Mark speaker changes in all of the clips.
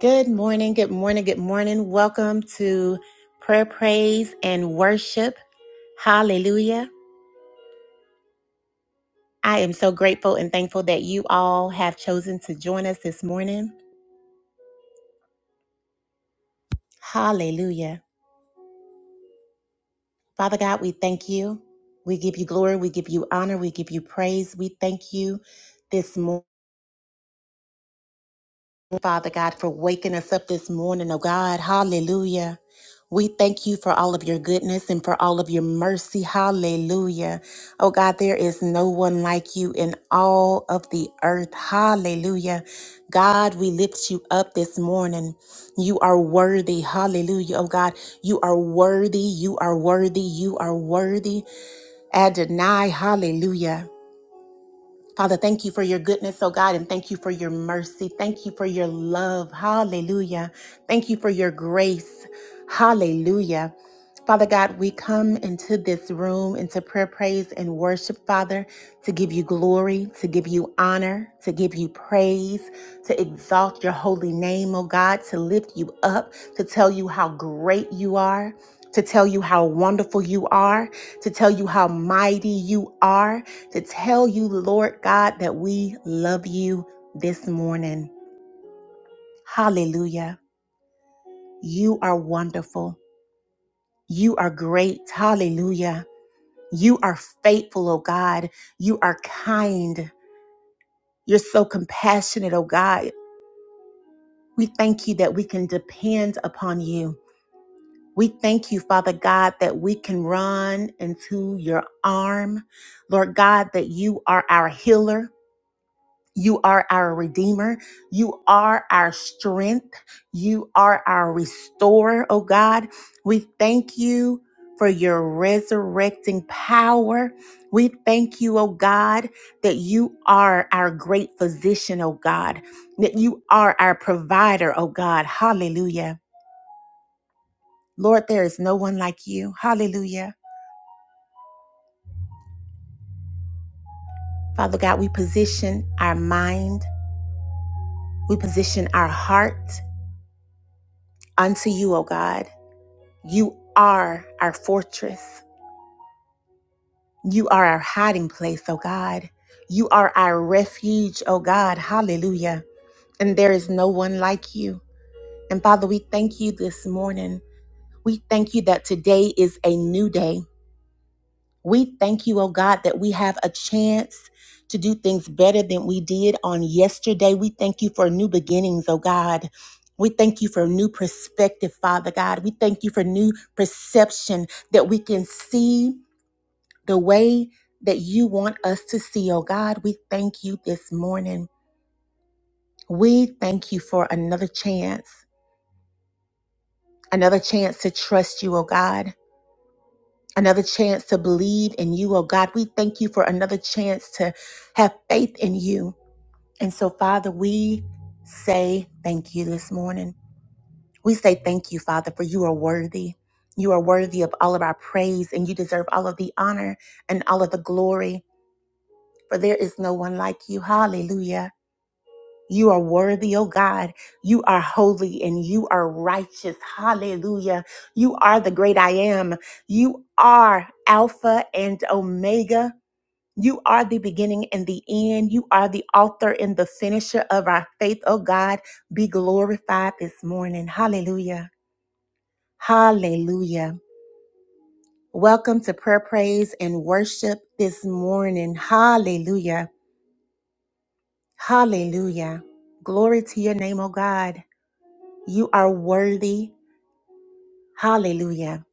Speaker 1: Good morning, good morning, good morning. Welcome to prayer, praise, and worship. Hallelujah. I am so grateful and thankful that you all have chosen to join us this morning. Hallelujah. Father God, we thank you. We give you glory. We give you honor. We give you praise. We thank you this morning. Father God, for waking us up this morning, oh God. Hallelujah. We thank you for all of your goodness and for all of your mercy. Hallelujah. Oh God, there is no one like you in all of the earth. Hallelujah. God, we lift you up this morning. You are worthy. Hallelujah. Oh God, you are worthy. You are worthy. You are worthy. Adonai. Hallelujah. Father, thank you for your goodness, oh God, and thank you for your mercy. Thank you for your love. Hallelujah. Thank you for your grace. Hallelujah. Father God, we come into this room, into prayer, praise, and worship, Father, to give you glory, to give you honor, to give you praise, to exalt your holy name, oh God, to lift you up, to tell you how great you are. To tell you how wonderful you are, to tell you how mighty you are, to tell you, Lord God, that we love you this morning. Hallelujah. You are wonderful. You are great. Hallelujah. You are faithful, oh God. You are kind. You're so compassionate, oh God. We thank you that we can depend upon you. We thank you, Father God, that we can run into your arm. Lord God, that you are our healer. You are our Redeemer. You are our strength. You are our Restorer, oh God. We thank you for your resurrecting power. We thank you, oh God, that you are our great physician, oh God, that you are our provider, oh God. Hallelujah. Lord, there is no one like you. Hallelujah. Father God, we position our mind, we position our heart unto you, O God. You are our fortress. You are our hiding place, oh God. You are our refuge, oh God. Hallelujah. And there is no one like you. And Father, we thank you this morning. We thank you that today is a new day. We thank you, oh God, that we have a chance to do things better than we did on yesterday. We thank you for new beginnings, oh God. We thank you for new perspective, Father God. We thank you for new perception that we can see the way that you want us to see, oh God. We thank you this morning. We thank you for another chance, another chance to trust you, oh God, another chance to believe in you, oh God. We thank you for another chance to have faith in you. And so, Father, we say thank you this morning. We say thank you, Father, for you are worthy. You are worthy of all of our praise and you deserve all of the honor and all of the glory, for there is no one like you. Hallelujah. You are worthy, oh God. You are holy and you are righteous. Hallelujah. You are the great I am. You are Alpha and Omega. You are the beginning and the end. You are the author and the finisher of our faith, oh God. Be glorified this morning. Hallelujah. Hallelujah. Welcome to prayer, praise, and worship this morning. Hallelujah. Hallelujah. Glory to your name, oh God. You are worthy. Hallelujah.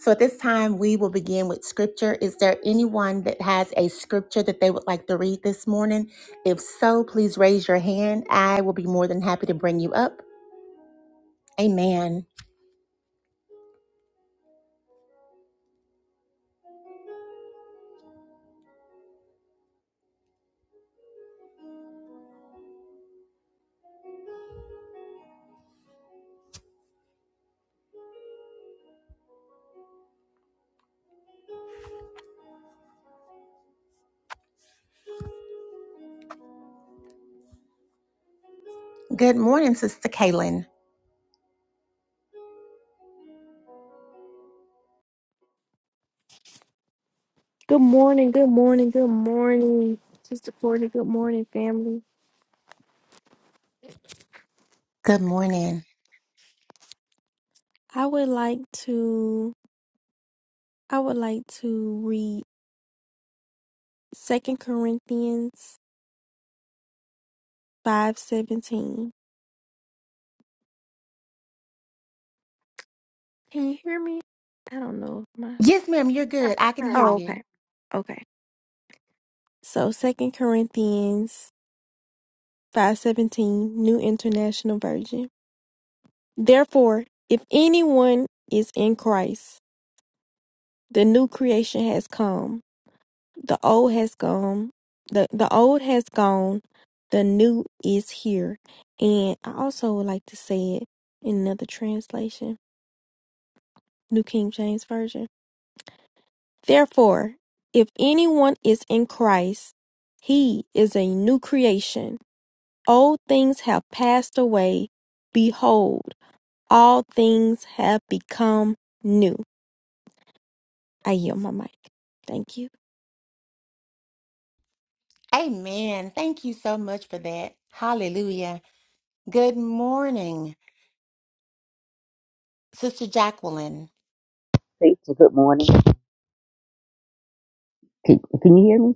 Speaker 1: So at this time, we will begin with scripture. Is there anyone that has a scripture that they would like to read this morning? If so, please raise your hand. I will be more than happy to bring you up. Amen. Good morning, Sister Kaylin.
Speaker 2: Good morning, good morning, good morning, Sister Courtney. Good morning, family.
Speaker 1: Good morning.
Speaker 2: I would like to I would like to read Second Corinthians five seventeen. Can you hear me? I don't know. if My
Speaker 1: Yes, ma'am, you're good. I can hear
Speaker 2: oh
Speaker 1: you.
Speaker 2: okay, okay. So Second Corinthians five seventeen, New International Version. Therefore, if anyone is in Christ, the new creation has come. The old has gone. The the old has gone. The new is here. And I also would like to say it in another translation, New King James Version. Therefore, if anyone is in Christ, he is a new creation. Old things have passed away. Behold, all things have become new. I yield my mic. Thank you.
Speaker 1: Amen. Thank you so much for that. Hallelujah. Good morning, Sister Jacqueline.
Speaker 3: Faithful, good morning. Can, can you hear me?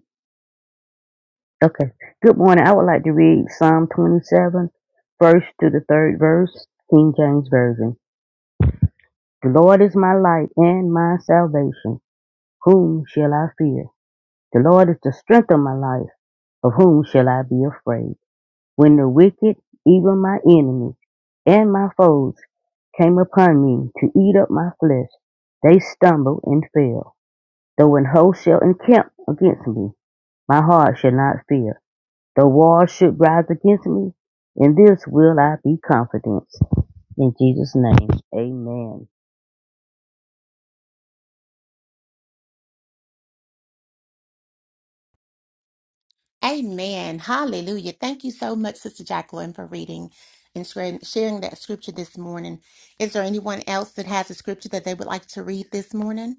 Speaker 3: Okay. Good morning. I would like to read Psalm 27, first to the third verse, King James Version. The Lord is my light and my salvation. Whom shall I fear? The Lord is the strength of my life. Of whom shall I be afraid? When the wicked, even my enemies and my foes, came upon me to eat up my flesh, they stumbled and fell. Though an host shall encamp against me, my heart shall not fear. The wall should rise against me. In this will I be confident. In Jesus' name, amen.
Speaker 1: Amen. Hallelujah. Thank you so much, Sister Jacqueline, for reading and sharing sharing that scripture this morning. Is there anyone else that has a scripture that they would like to read this morning?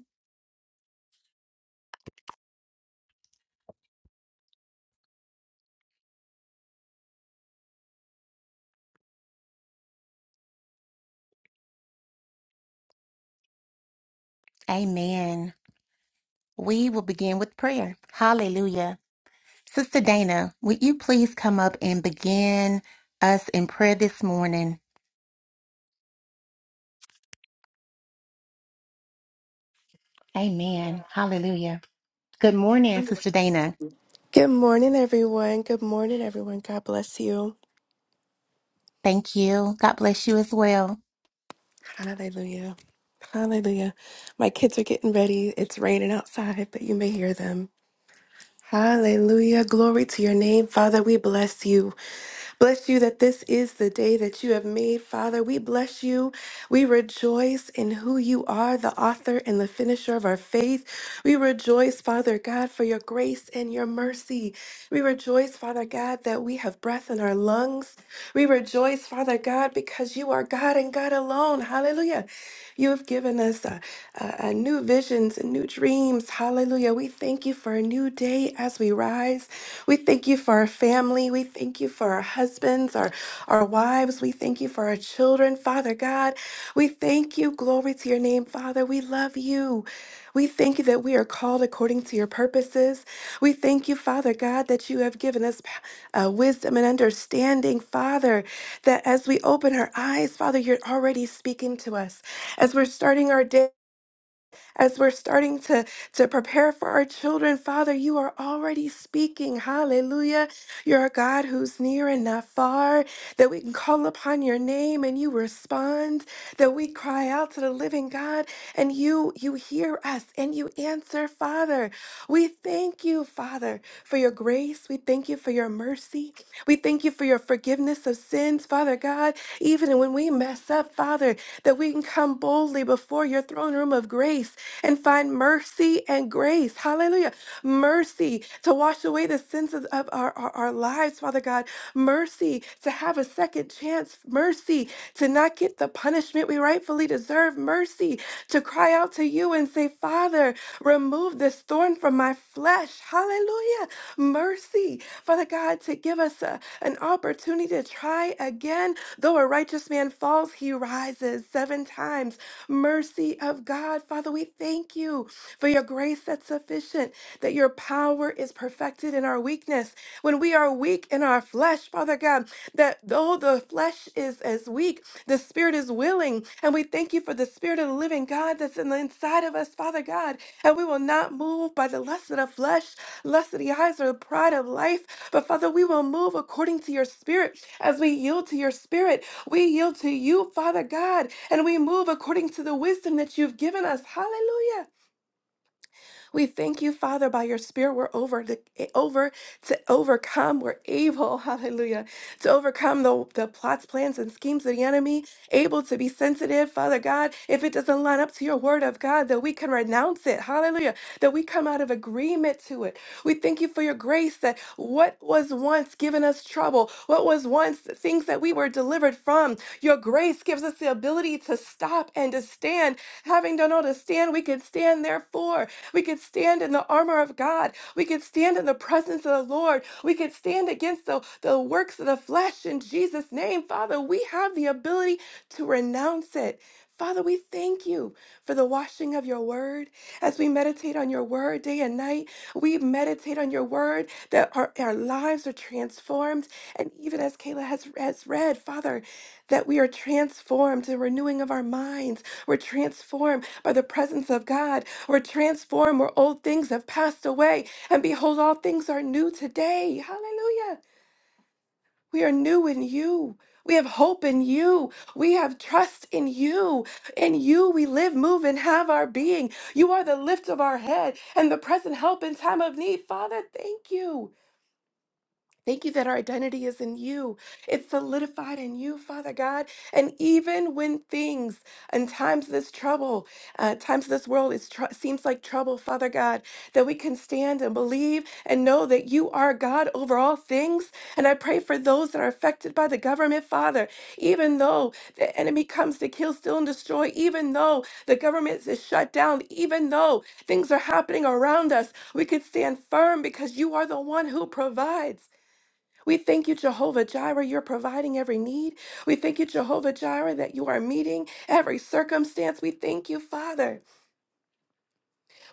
Speaker 1: Amen. We will begin with prayer. Hallelujah. Sister Dana, would you please come up and begin us in prayer this morning? Amen. Hallelujah. Good morning, Sister Dana.
Speaker 4: Good morning, everyone. Good morning, everyone. God bless you.
Speaker 1: Thank you. God bless you as well.
Speaker 4: Hallelujah. Hallelujah. My kids are getting ready. It's raining outside, but you may hear them. Hallelujah. Glory to your name. Father, we bless you. Bless you that this is the day that you have made. Father, we bless you. We rejoice in who you are, the author and the finisher of our faith. We rejoice, Father God, for your grace and your mercy. We rejoice, Father God, that we have breath in our lungs. We rejoice, Father God, because you are God and God alone. Hallelujah. You have given us uh, uh, uh, new visions and new dreams. Hallelujah. We thank you for a new day as we rise. We thank you for our family. We thank you for our husbands, our our wives. We thank you for our children, Father God. We thank you. Glory to your name, Father. We love you. We thank you that we are called according to your purposes. We thank you, Father God, that you have given us uh, wisdom and understanding, Father, that as we open our eyes, Father, you're already speaking to us. As we're starting our day, as we're starting to, to prepare for our children, Father, you are already speaking. Hallelujah. You're a God who's near and not far, that we can call upon your name and you respond, that we cry out to the living God and you you hear us and you answer, Father. We thank you, Father, for your grace. We thank you for your mercy. We thank you for your forgiveness of sins, Father God. Even when we mess up, Father, that we can come boldly before your throne room of grace and find mercy and grace. Hallelujah. Mercy to wash away the sins of, of our, our, our lives, Father God. Mercy to have a second chance. Mercy to not get the punishment we rightfully deserve. Mercy to cry out to you and say, Father, remove remove this thorn from my flesh. Hallelujah. Mercy, Father God, to give us a, an opportunity to try again. Though a righteous man falls, he rises seven times. Mercy of God, Father, we thank you for your grace that's sufficient, that your power is perfected in our weakness. When we are weak in our flesh, Father God, that though the flesh is as weak, the spirit is willing. And we thank you for the spirit of the living God that's in the inside of us, Father God, and we will not move by the lust of the flesh, lust of the eyes, or the pride of life. But Father, we will move according to your spirit as we yield to your spirit. We yield to you, Father God, and we move according to the wisdom that you've given us. Hallelujah. We thank you, Father, by your spirit, we're over to over to overcome. We're able, hallelujah, to overcome the, the plots, plans, and schemes of the enemy, able to be sensitive, Father God, if it doesn't line up to your word of God, that we can renounce it, hallelujah, that we come out of agreement to it. We thank you for your grace that what was once given us trouble, what was once things that we were delivered from. Your grace gives us the ability to stop and to stand. Having done all to stand, we can stand therefore. We can stand in the armor of God. We can stand in the presence of the Lord. We can stand against the, the works of the flesh in Jesus' name. Father, we have the ability to renounce it. Father, we thank you for the washing of your word. As we meditate on your word day and night, we meditate on your word that our, our lives are transformed and even as Kayla has, has read, Father, that we are transformed, the renewing of our minds. We're transformed by the presence of God. We're transformed where old things have passed away. And behold, all things are new today. Hallelujah. We are new in you. We have hope in you. We have trust in you. In you we live, move, and have our being. You are the lift of our head and the present help in time of need. Father, thank you. Thank you that our identity is in you. It's solidified in you, Father God. And even when things and times of this trouble, uh, times of this world is tr- seems like trouble, Father God, that we can stand and believe and know that you are God over all things. And I pray for those that are affected by the government, Father, even though the enemy comes to kill, steal, and destroy, even though the government is shut down, even though things are happening around us, we could stand firm because you are the one who provides. We thank you, Jehovah Jireh, you're providing every need. We thank you, Jehovah Jireh, that you are meeting every circumstance. We thank you, Father.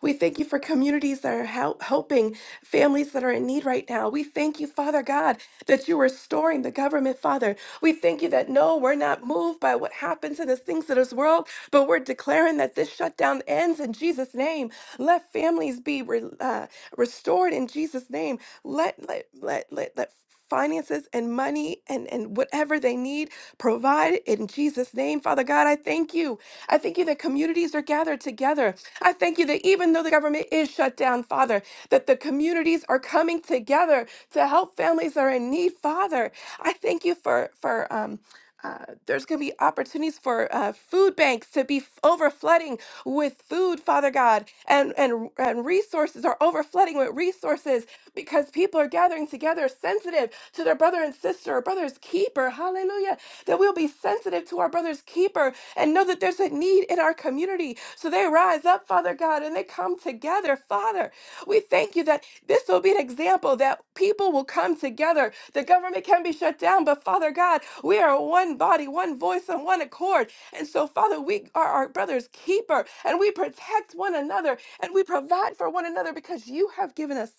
Speaker 4: We thank you for communities that are help, helping families that are in need right now. We thank you, Father God, that you're restoring the government, Father. We thank you that no, we're not moved by what happens in the things of this world, but we're declaring that this shutdown ends in Jesus' name. Let families be re, uh, restored in Jesus' name. Let let let let let finances and money and and whatever they need provide in Jesus' name, Father God. I thank you. I thank you that communities are gathered together I thank you that even though the government is shut down, Father, that the communities are coming together to help families that are in need, Father. I thank you for for um. Uh, there's going to be opportunities for uh, food banks to be f- overflooding with food, Father God, and and and resources are overflooding with resources because people are gathering together, sensitive to their brother and sister, or brother's keeper. Hallelujah! That we'll be sensitive to our brother's keeper and know that there's a need in our community so they rise up, Father God, and they come together. Father, we thank you that this will be an example that people will come together. The government can be shut down, but Father God, we are one body, one voice, and one accord. And so, Father, we are our brother's keeper, and we protect one another, and we provide for one another because you have given us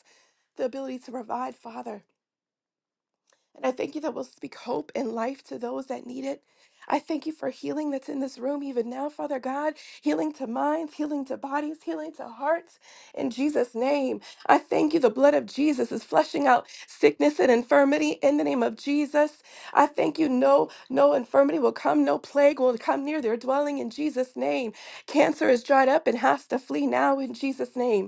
Speaker 4: the ability to provide, Father. And I thank you that will speak hope and life to those that need it. I thank you for healing that's in this room even now, Father God, healing to minds, healing to bodies, healing to hearts. In Jesus' name, I thank you. The blood of Jesus is flushing out sickness and infirmity in the name of Jesus. I thank you. No, no infirmity will come, no plague will come near their dwelling in Jesus' name. Cancer is dried up and has to flee now in Jesus' name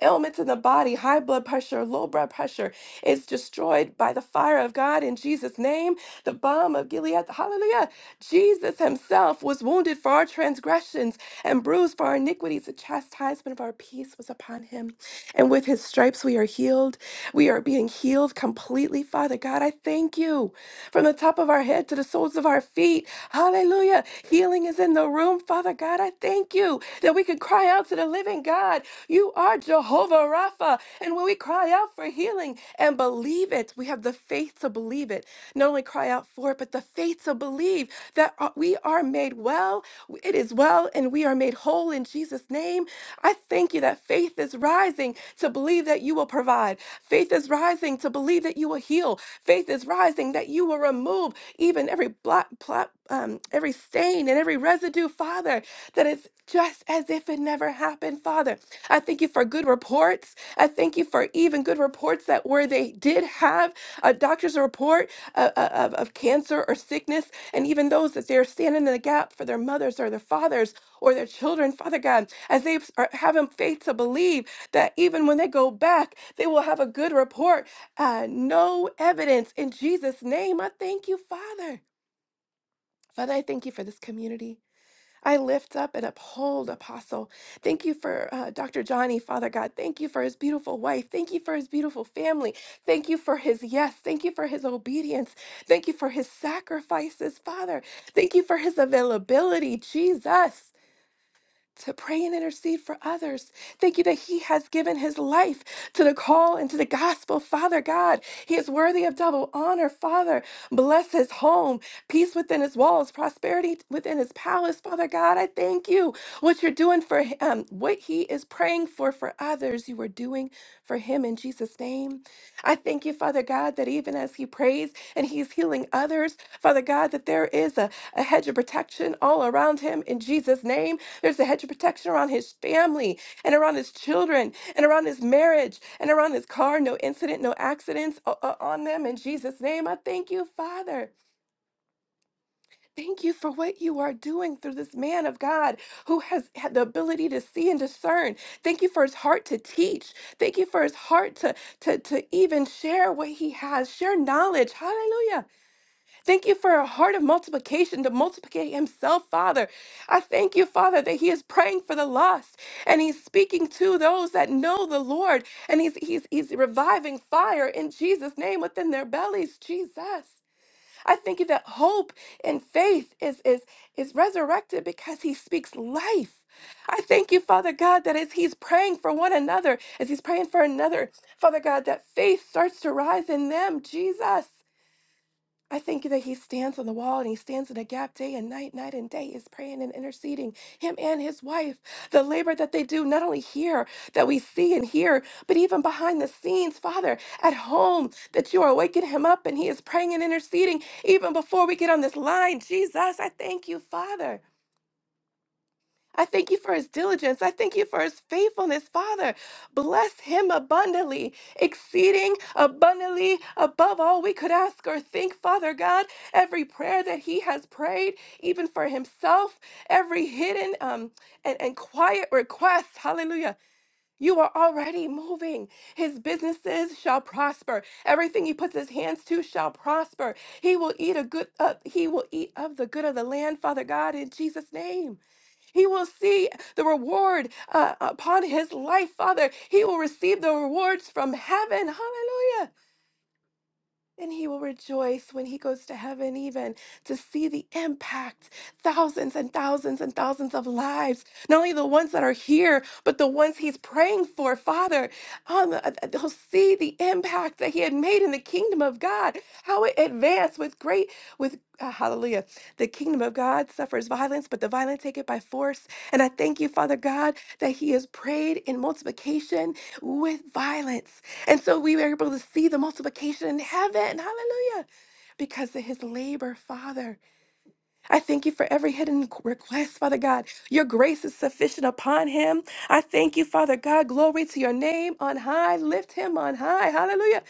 Speaker 4: ailments in the body, high blood pressure, low blood pressure, is destroyed by the fire of God in Jesus' name. The balm of Gilead, hallelujah. Jesus himself was wounded for our transgressions and bruised for our iniquities. The chastisement of our peace was upon him and with his stripes, we are healed. We are being healed completely, Father God. I thank you from the top of our head to the soles of our feet. Hallelujah. Healing is in the room, Father God. I thank you that we can cry out to the living God. You are Jehovah Rapha. And when we cry out for healing and believe it, we have the faith to believe it not only cry out for it, but the faith to believe that uh, we are made well. It is well, and we are made whole in Jesus' name. I thank you that faith is rising to believe that you will provide. Faith is rising to believe that you will heal. Faith is rising that you will remove even every blot, blot um, every stain and every residue, Father, That it's just as if it never happened, Father. I thank you for good reports. I thank you for even good reports that where they did have a doctor's report uh, uh, of, of cancer or sickness, and even those that they're standing in the gap for their mothers or their fathers or their children, Father God, as they are having faith to believe that even when they go back, they will have a good report. Uh, no evidence in Jesus' name. I thank you, Father. Father, I thank you for this community. I lift up and uphold Apostle. Thank you for uh, Dr. Johnny, Father God. Thank you for his beautiful wife. Thank you for his beautiful family. Thank you for his yes. Thank you for his obedience. Thank you for his sacrifices, Father. Thank you for his availability, Jesus to pray and intercede for others. Thank you that he has given his life to the call and to the gospel. Father God, he is worthy of double honor. Father, bless his home, peace within his walls, prosperity within his palace. Father God, I thank you what you're doing for him, what he is praying for for others, you are doing for him in Jesus' name. I thank you, Father God, that even as he prayed and he's healing others. Father God, that there is a, a hedge of protection all around him in Jesus' name. There's a hedge of protection around his family and around his children and around his marriage and around his car. No incident, no accidents o- o- on them in Jesus' name. I thank you, Father. Thank you for what you are doing through this man of God who has had the ability to see and discern. Thank you for his heart to teach. Thank you for his heart to, to, to even share what he has, share knowledge. Hallelujah Thank you for a heart of multiplication to multiply himself, Father. I thank you, Father, that he is praying for the lost and he's speaking to those that know the Lord and he's he's he's reviving fire in Jesus name within their bellies, Jesus. I thank you that hope and faith is is is resurrected because he speaks life. I thank you, Father God, that as he's praying for one another, as he's praying for another, Father God, that faith starts to rise in them, Jesus. I thank you that he stands on the wall and he stands in the gap day and night, night and day is praying and interceding, him and his wife. The labor that they do, not only here that we see and hear, but even behind the scenes, Father, at home, that you are waking him up and he is praying and interceding even before we get on this line. Jesus, I thank you, Father. I thank you for his diligence. I thank you for his faithfulness, Father. Bless him abundantly, exceeding abundantly above all we could ask or think, Father God. Every prayer that he has prayed, even for himself, every hidden um, and, and quiet request, hallelujah. You are already moving. His businesses shall prosper. Everything he puts his hands to shall prosper. He will eat a good. Uh, he will eat of the good of the land, Father God, in Jesus' name. He will see the reward uh, upon his life, Father. He will receive the rewards from heaven. Hallelujah. And he will rejoice when he goes to heaven, even to see the impact thousands and thousands and thousands of lives, not only the ones that are here, but the ones he's praying for, Father. On the, uh, uh, he'll see the impact that he had made in the kingdom of God, how it advanced with great, with uh, hallelujah. The kingdom of God suffers violence, but the violent take it by force. And I thank you, Father God, that he has prayed in multiplication with violence. And so we were able to see the multiplication in heaven. Hallelujah. Because of his labor, Father. I thank you for every hidden request, Father God. Your grace is sufficient upon him. I thank you, Father God. Glory to your name on high. Lift him on high. Hallelujah.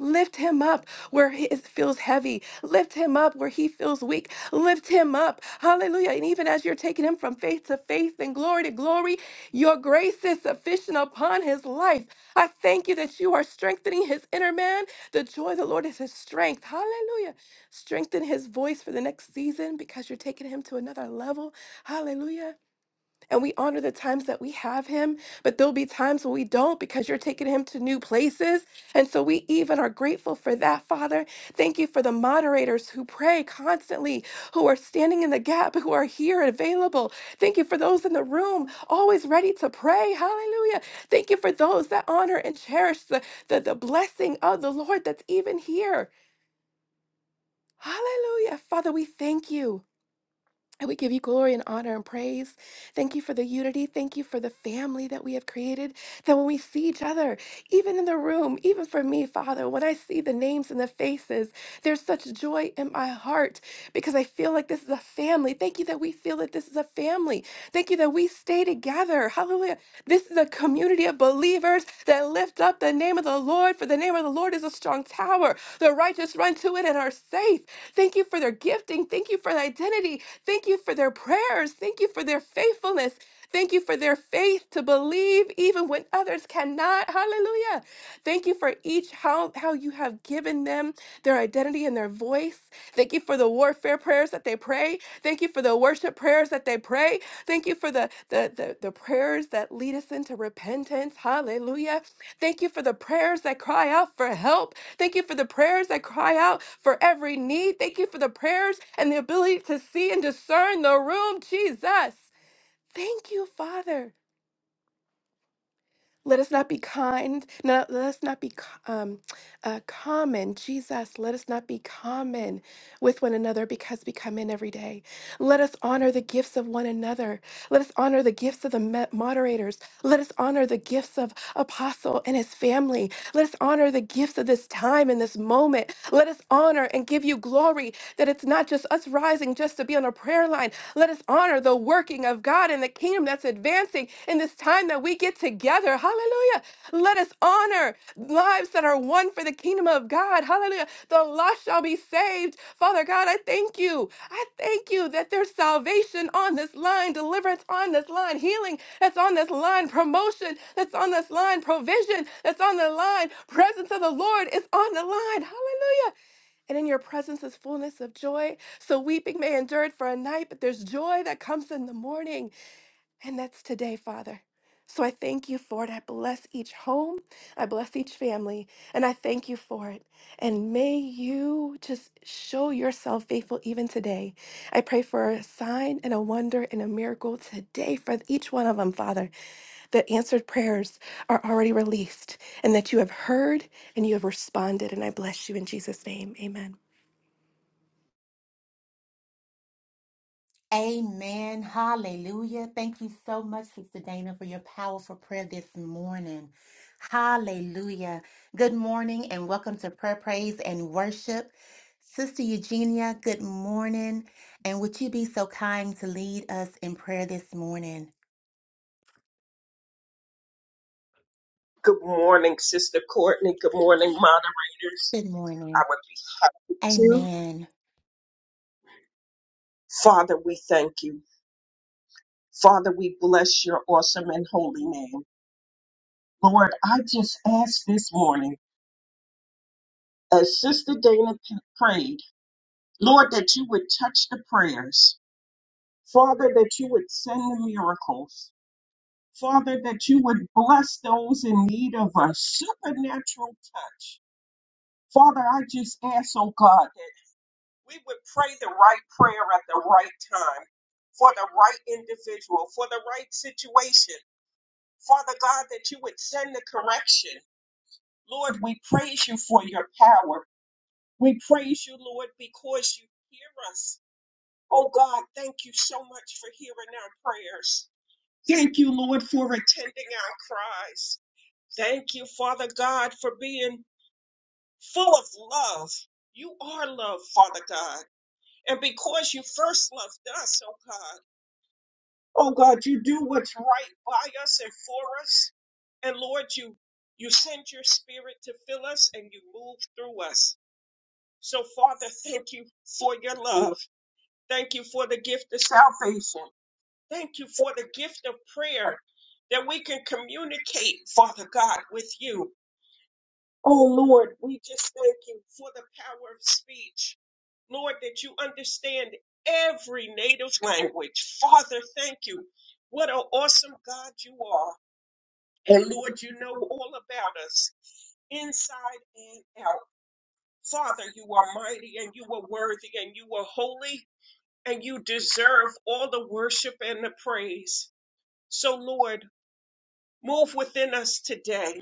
Speaker 4: Lift him up where he is- feels heavy. Lift him up where he feels weak. Lift him up. Hallelujah. And even as you're taking him from faith to faith and glory to glory, your grace is sufficient upon his life. I thank you that you are strengthening his inner man. The joy of the Lord is his strength. Hallelujah. Strengthen his voice for the next season because you're taking him to another level. Hallelujah. And we honor the times that we have him, but there'll be times when we don't because you're taking him to new places. And so we even are grateful for that, Father. Thank you for the moderators who pray constantly, who are standing in the gap, who are here and available. Thank you for those in the room always ready to pray. Hallelujah. Thank you for those that honor and cherish the, the, the blessing of the Lord that's even here. Hallelujah. Father, we thank you. And we give you glory and honor and praise. Thank you for the unity. Thank you for the family that we have created. That when we see each other, even in the room, even for me, Father, when I see the names and the faces, there's such joy in my heart because I feel like this is a family. Thank you that we feel that this is a family. Thank you that we stay together. Hallelujah. This is a community of believers that lift up the name of the Lord, for the name of the Lord is a strong tower. The righteous run to it and are safe. Thank you for their gifting. Thank you for their identity. Thank you for their prayers. Thank you for their faithfulness. Thank you for their faith to believe even when others cannot. Hallelujah. Thank you for each how how you have given them their identity and their voice. Thank you for the warfare prayers that they pray. Thank you for the worship prayers that they pray. Thank you for the the the, the prayers that lead us into repentance. Hallelujah. Thank you for the prayers that cry out for help. Thank you for the prayers that cry out for every need. Thank you for the prayers and the ability to see and discern the room, Jesus. Thank you, Father. Let us not be kind. No, let us not be co- um, uh, common. Jesus, let us not be common with one another because we come in every day. Let us honor the gifts of one another. Let us honor the gifts of the mo- moderators. Let us honor the gifts of Apostle and his family. Let us honor the gifts of this time and this moment. Let us honor and give you glory that it's not just us rising just to be on a prayer line. Let us honor the working of God in the kingdom that's advancing in this time that we get together. Hallelujah. Let us honor lives that are one for the kingdom of God. Hallelujah. The lost shall be saved. Father God, I thank you. I thank you that there's salvation on this line, deliverance on this line, healing that's on this line, promotion that's on this line, provision that's on the line, presence of the Lord is on the line. Hallelujah. And in your presence is fullness of joy. So weeping may endure for a night, but there's joy that comes in the morning. And that's today, Father. So I thank you for it. I bless each home. I bless each family. And I thank you for it. And may you just show yourself faithful even today. I pray for a sign and a wonder and a miracle today for each one of them, Father, that answered prayers are already released and that you have heard and you have responded. And I bless you in Jesus' name. Amen.
Speaker 1: Amen. Hallelujah. Thank you so much, Sister Dana, for your powerful prayer this morning. Hallelujah. Good morning and welcome to Prayer, Praise, and Worship. Sister Eugenia, good morning. And would you be so kind to lead us in prayer this morning?
Speaker 5: Good morning, Sister Courtney. Good morning, moderators.
Speaker 1: Good
Speaker 5: I
Speaker 1: morning.
Speaker 5: Our two.
Speaker 1: Amen.
Speaker 5: Father, we thank you. Father, we bless your awesome and holy name. Lord, I just ask this morning, as Sister Dana p- prayed, Lord, that you would touch the prayers. Father, that you would send the miracles. Father, that you would bless those in need of a supernatural touch. Father, I just ask, oh God, we would pray the right prayer at the right time for the right individual, for the right situation. Father God, that you would send the correction. Lord, we praise you for your power. We praise you, Lord, because you hear us. Oh God, thank you so much for hearing our prayers. Thank you, Lord, for attending our cries. Thank you, Father God, for being full of love. You are love, Father God. And because you first loved us, oh God. Oh God, you do what's right by us and for us. And Lord, you you send your spirit to fill us and you move through us. So Father, thank you for your love. Thank you for the gift of salvation. Thank you for the gift of prayer that we can communicate, Father God, with you. Oh Lord, we just thank you for the power of speech. Lord, that you understand every native language. Father, thank you. What an awesome God you are. And Lord, you know all about us, inside and out. Father, you are mighty and you are worthy and you are holy and you deserve all the worship and the praise. So, Lord, move within us today.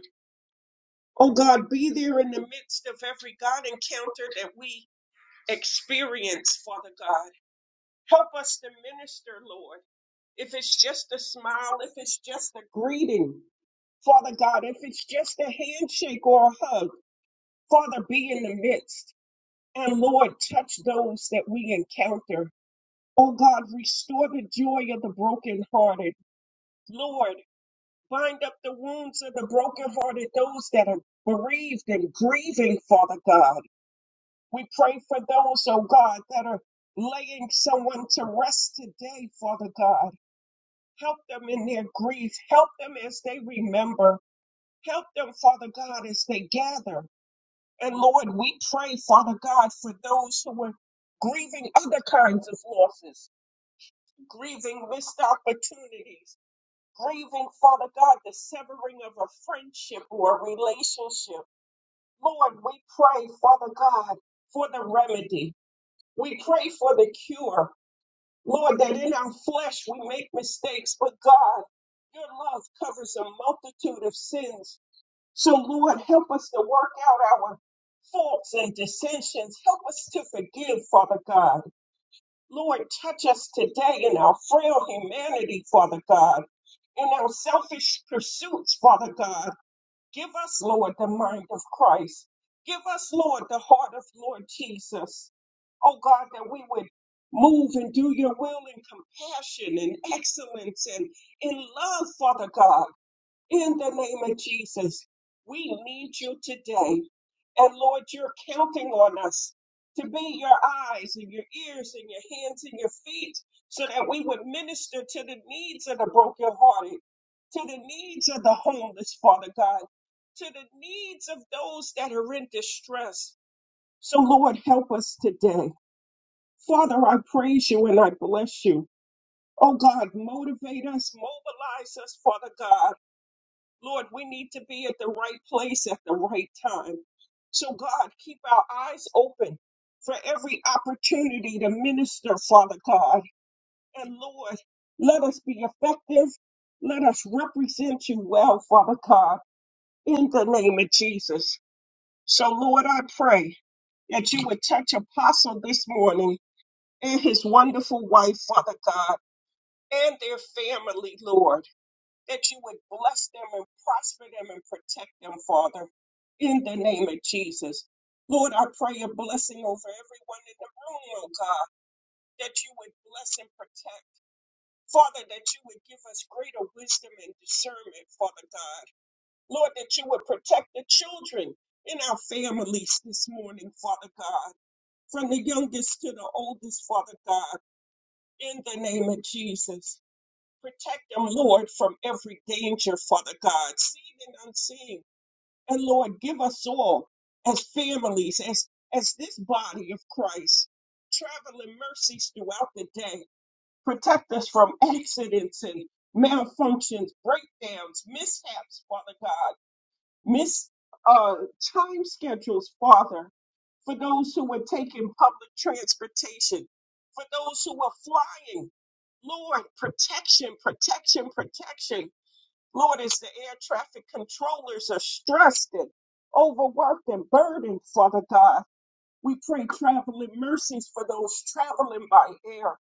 Speaker 5: Oh God, be there in the midst of every God encounter that we experience, Father God. Help us to minister, Lord. If it's just a smile, if it's just a greeting, Father God, if it's just a handshake or a hug, Father, be in the midst. And Lord, touch those that we encounter. Oh God, restore the joy of the brokenhearted. Lord, bind up the wounds of the brokenhearted, those that are bereaved and grieving, Father God. We pray for those, oh God, that are laying someone to rest today, Father God. Help them in their grief. Help them as they remember. Help them, Father God, as they gather. And Lord, we pray, Father God, for those who are grieving other kinds of losses, grieving missed opportunities, grieving, Father God, the severing of a friendship or a relationship. Lord, we pray, Father God, for the remedy. We pray for the cure. Lord, that in our flesh we make mistakes, but God, your love covers a multitude of sins. So, Lord, help us to work out our faults and dissensions. Help us to forgive, Father God. Lord, touch us today in our frail humanity, Father God, in our selfish pursuits, Father God. Give us, Lord, the mind of Christ. Give us, Lord, the heart of Lord Jesus. Oh God, that we would move and do your will in compassion and excellence and in love, Father God in the name of Jesus. We need you today. And Lord, you're counting on us to be your eyes and your ears and your hands and your feet so that we would minister to the needs of the brokenhearted, to the needs of the homeless, Father God, to the needs of those that are in distress. So, Lord, help us today. Father, I praise you and I bless you. Oh God, motivate us, mobilize us, Father God Lord, we need to be at the right place at the right time. So, God, keep our eyes open for every opportunity to minister, Father God. And Lord, let us be effective. Let us represent you well, Father God, in the name of Jesus. So, Lord, I pray that you would touch Apostle this morning and his wonderful wife, Father God, and their family, Lord that you would bless them and prosper them and protect them, Father, in the name of Jesus. Lord, I pray a blessing over everyone in the room, oh God, that you would bless and protect. Father, that you would give us greater wisdom and discernment, Father God. Lord, that you would protect the children in our families this morning, Father God, from the youngest to the oldest, Father God, in the name of Jesus. Protect them, Lord, from every danger, Father God, seen and unseen. And Lord, give us all as families, as as this body of Christ, traveling mercies throughout the day. Protect us from accidents and malfunctions, breakdowns, mishaps, Father God. Miss uh, time schedules, Father, for those who were taking public transportation, for those who were flying. Lord, protection, protection, protection. Lord, as the air traffic controllers are stressed and overworked and burdened, Father God, we pray traveling mercies for those traveling by air.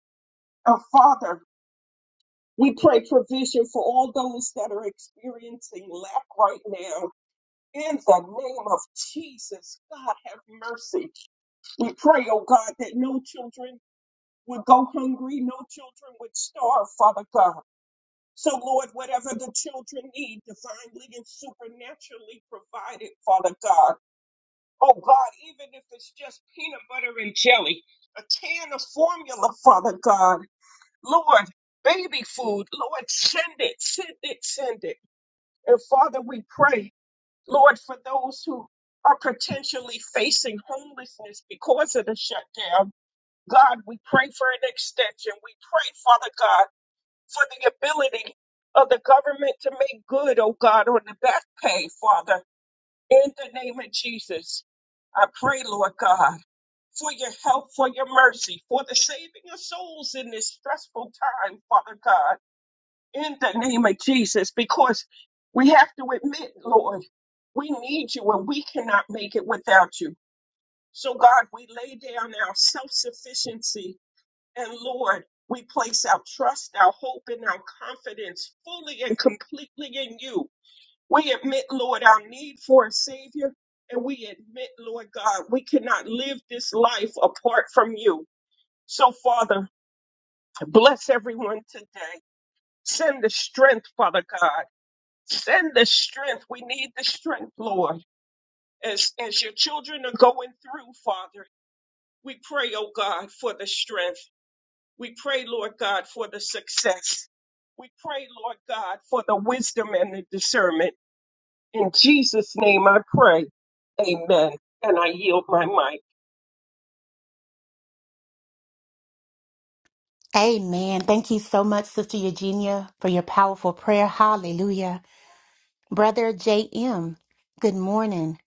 Speaker 5: And Father, we pray provision for all those that are experiencing lack right now. In the name of Jesus, God have mercy. We pray, oh God, that no children would go hungry, no children would starve, Father God. So, Lord, whatever the children need, divinely and supernaturally provided, Father God. Oh God, even if it's just peanut butter and jelly, a can of formula, Father God. Lord, baby food, Lord, send it, send it, send it. And Father, we pray. Lord, for those who are potentially facing homelessness because of the shutdown, God, we pray for an extension. We pray, Father God, for the ability of the government to make good, oh God, on the back pay, Father, in the name of Jesus. I pray, Lord God, for your help, for your mercy, for the saving of souls in this stressful time, Father God in the name of Jesus because we have to admit, Lord, we need you and we cannot make it without you. So, God, we lay down our self sufficiency and, Lord, we place our trust, our hope, and our confidence fully and completely in you. We admit, Lord, our need for a Savior, and we admit, Lord God, we cannot live this life apart from you. So, Father, bless everyone today. Send the strength, Father God. Send the strength. We need the strength, Lord. As, as your children are going through, Father, we pray, oh God, for the strength. We pray, Lord God, for the success. We pray, Lord God, for the wisdom and the discernment. In Jesus' name I pray. Amen. And I yield my mic.
Speaker 1: Amen. Thank you so much, Sister Eugenia, for your powerful prayer. Hallelujah. Brother J.M., good morning.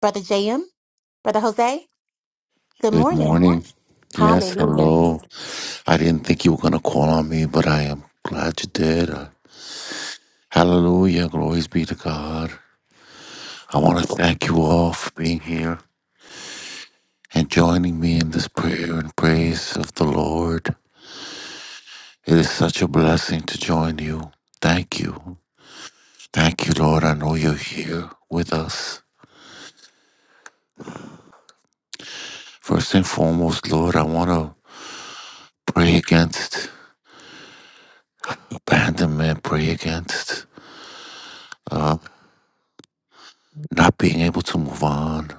Speaker 1: Brother J.M., Brother Jose? Good
Speaker 6: Good
Speaker 1: morning.
Speaker 6: morning. Yes,
Speaker 1: Hallelujah.
Speaker 6: hello. I didn't think you were going to call on me, but I am glad you did. Uh, hallelujah. Glories be to God. I want to thank you all for being here and joining me in this prayer and praise of the Lord. It is such a blessing to join you. Thank you. Thank you, Lord. I know you're here with us. First and foremost, Lord, I want to pray against abandonment, pray against uh, not being able to move on.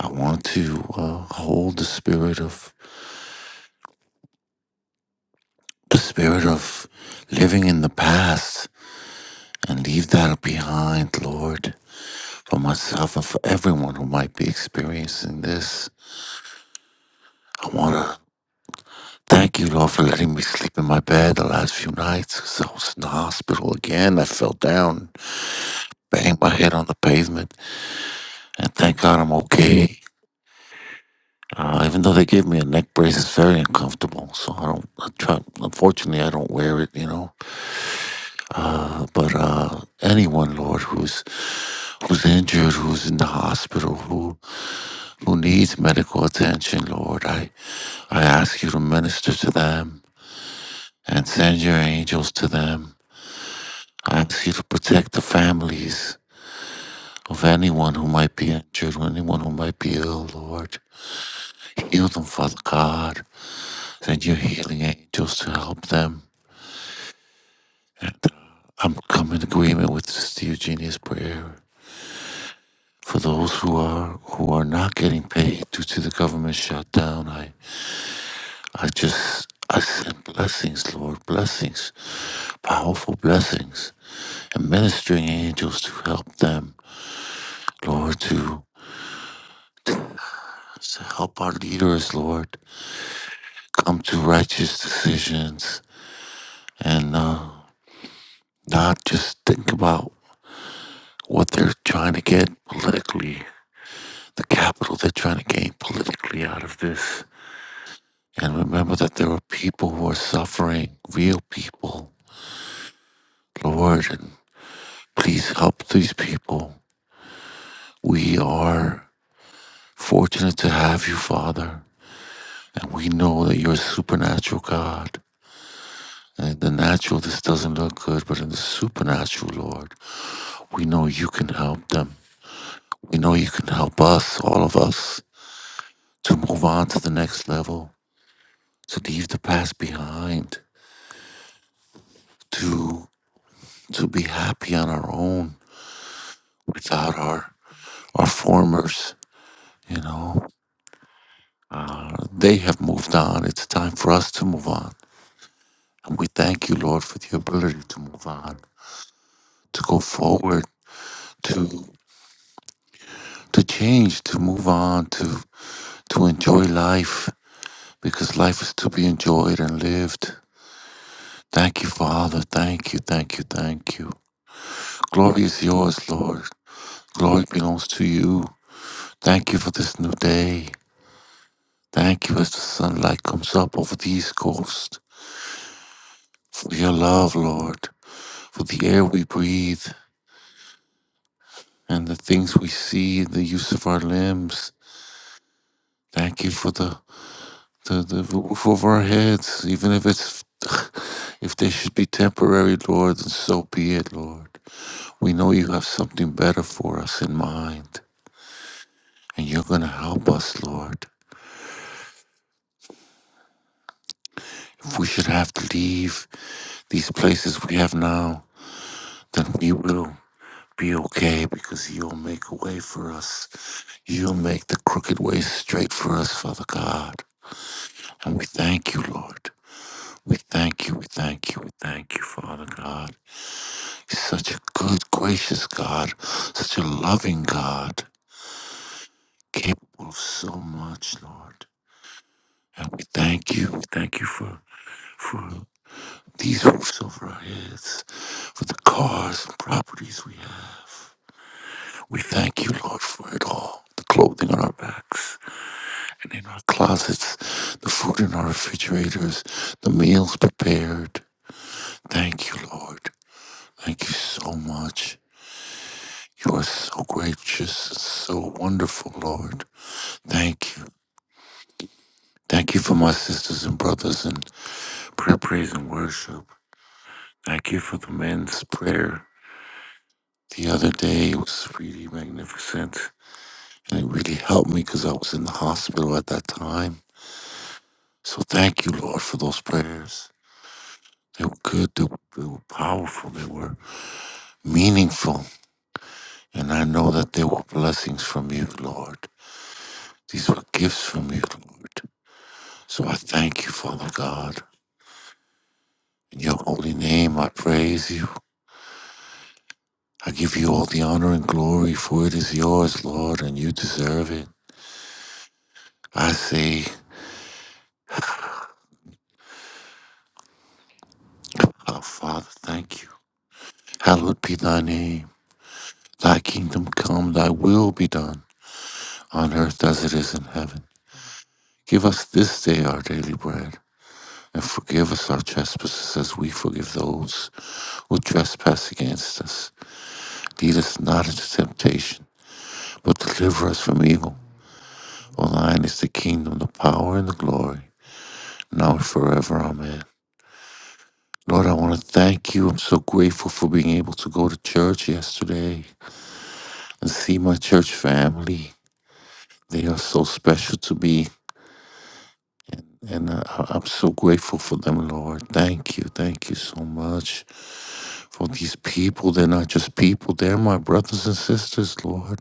Speaker 6: I want to uh, hold the spirit of the spirit of living in the past and leave that behind, Lord, for myself and for everyone who might be experiencing this. I want to thank you, Lord, for letting me sleep in my bed the last few nights because I was in the hospital again. I fell down, banged my head on the pavement, and thank God I'm okay. Uh, even though they gave me a neck brace, it's very uncomfortable. So I don't I try. Unfortunately, I don't wear it. You know, Uh, but uh, anyone, Lord, who's who's injured, who's in the hospital, who who needs medical attention, Lord, I I ask you to minister to them and send your angels to them. I ask you to protect the families of anyone who might be injured, or anyone who might be ill, Lord. Heal them, Father God. Send your healing angels to help them. And I'm coming in agreement with Sister Eugenia's prayer. For those who are who are not getting paid due to the government shutdown, I I just I send blessings, Lord, blessings, powerful blessings, and ministering angels to help them, Lord, to, to help our leaders, Lord, come to righteous decisions and uh, not just think about what they're trying to get politically, the capital they're trying to gain politically out of this, and remember that there are people who are suffering, real people. Lord, and please help these people. We are fortunate to have you, Father, and we know that you're a supernatural God. And in the natural, this doesn't look good, but in the supernatural, Lord, we know you can help them. We know you can help us, all of us, to move on to the next level, to leave the past behind, to to be happy on our own without our our formers You know, uh, they have moved on. It's time for us to move on. And we thank you, Lord, for the ability to move on, to go forward, to to change, to move on, to to enjoy life, because life is to be enjoyed and lived. Thank you, Father. Thank you, thank you, thank you. Glory is yours, Lord. Glory belongs to you. Thank you for this new day. Thank you as the sunlight comes up over the East Coast. For your love, Lord. For the air we breathe. and the things we see, the use of our limbs. Thank you for the, the, the roof over our heads, even if it's if they should be temporary, Lord, then so be it, Lord. We know you have something better for us in mind, and you're going to help us, Lord. If we should have to leave these places we have now, then we will be okay because you'll make a way for us. You'll make the crooked way straight for us, Father God. And we thank you, Lord. We thank you, we thank you, we thank you, Father God. You're such a good, gracious God, such a loving God, capable of so much, Lord. And we thank you, we thank you for for these roofs over our heads, for the cars and properties we have. We thank you, Lord, for it all. The clothing on our backs and in our closets, the food in our refrigerators, the meals prepared. Thank you, Lord. Thank you so much. You are so gracious, and so wonderful, Lord. Thank you. Thank you for my sisters and brothers in prayer, praise, and worship. Thank you for the men's prayer. The other day it was really magnificent, and it really helped me because I was in the hospital at that time. So thank you, Lord, for those prayers. They were good, they were, they were powerful, they were meaningful, and I know that they were blessings from you, Lord. These were gifts from you, Lord. So I thank you, Father God. In your holy name, I praise you. I give you all the honor and glory, for it is yours, Lord, and you deserve it. I say, Our Father, thank you. Hallowed be thy name. Thy kingdom come, thy will be done, on earth as it is in heaven. Give us this day our daily bread, and forgive us our trespasses as we forgive those who trespass against us. Lead us not into temptation, but deliver us from evil. For thine is the kingdom, the power, and the glory now and forever. Amen. Lord, I want to thank you. I'm so grateful for being able to go to church yesterday and see my church family. They are so special to me, and uh, I- I'm so grateful for them, Lord. Thank you. Thank you so much for these people. They're not just people, they're my brothers and sisters, Lord.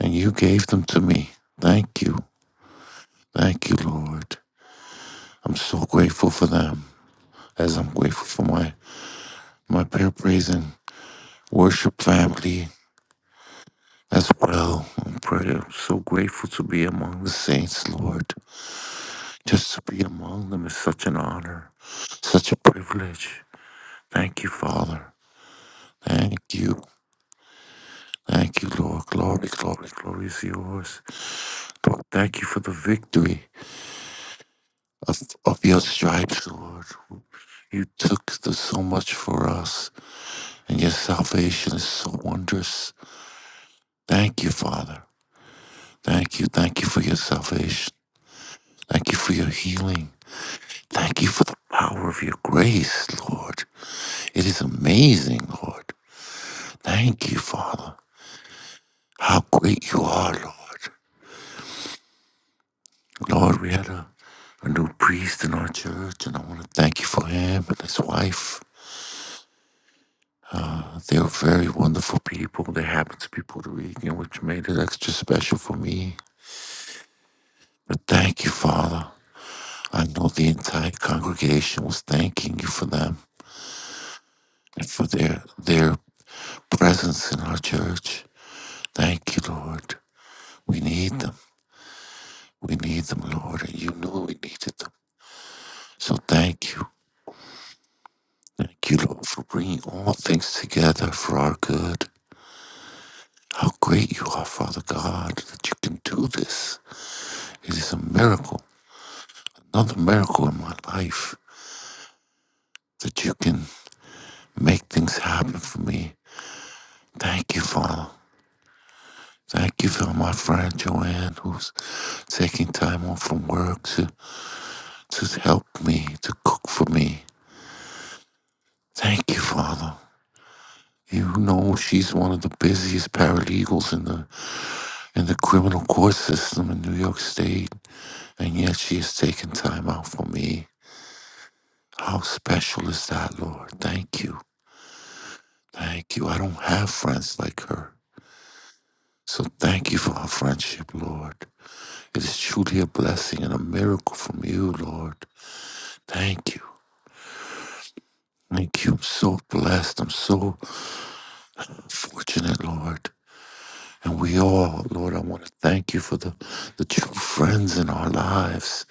Speaker 6: And you gave them to me. Thank you. Thank you, Lord. I'm so grateful for them, as I'm grateful for my, my prayer, praise, and worship family as well I'm prayer. I'm so grateful to be among the saints, Lord. Just to be among them is such an honor, such a privilege. Thank you, Father. Thank you. Thank you, Lord. Glory, glory, glory is yours. Lord, thank you for the victory of, of your stripes, Lord. You took the, so much for us, and your salvation is so wondrous. Thank you, Father. Thank you. Thank you for your salvation. Thank you for your healing. Thank you for the power of your grace, Lord. It is amazing, Lord. Thank you, Father. How great you are, Lord. Lord, we had a, a new priest in our church, and I want to thank you for him and his wife. Uh, they're very wonderful people. They happen to be Puerto Rican, which made it extra special for me. But thank you, Father. I know the entire congregation was thanking you for them and for their their presence in our church. Thank you, Lord. We need them. We need them, Lord, and you knew we needed them. So thank you. Thank you, Lord, for bringing all things together for our good. How great you are, Father God, that you can do this. It is a miracle, another miracle in my life, that you can make things happen for me. Thank you, Father. Thank you for my friend Joanne, who's taking time off from work to, to help me, to cook for me. Thank you, Father. You know she's one of the busiest paralegals in the in the criminal court system in New York State, and yet she has taken time out for me. How special is that, Lord? Thank you. Thank you. I don't have friends like her. So thank you for her friendship, Lord. It is truly a blessing and a miracle from you, Lord. Thank you. Thank you. I'm so blessed. I'm so fortunate, Lord. And we all, Lord, I want to thank you for the, the true friends in our lives,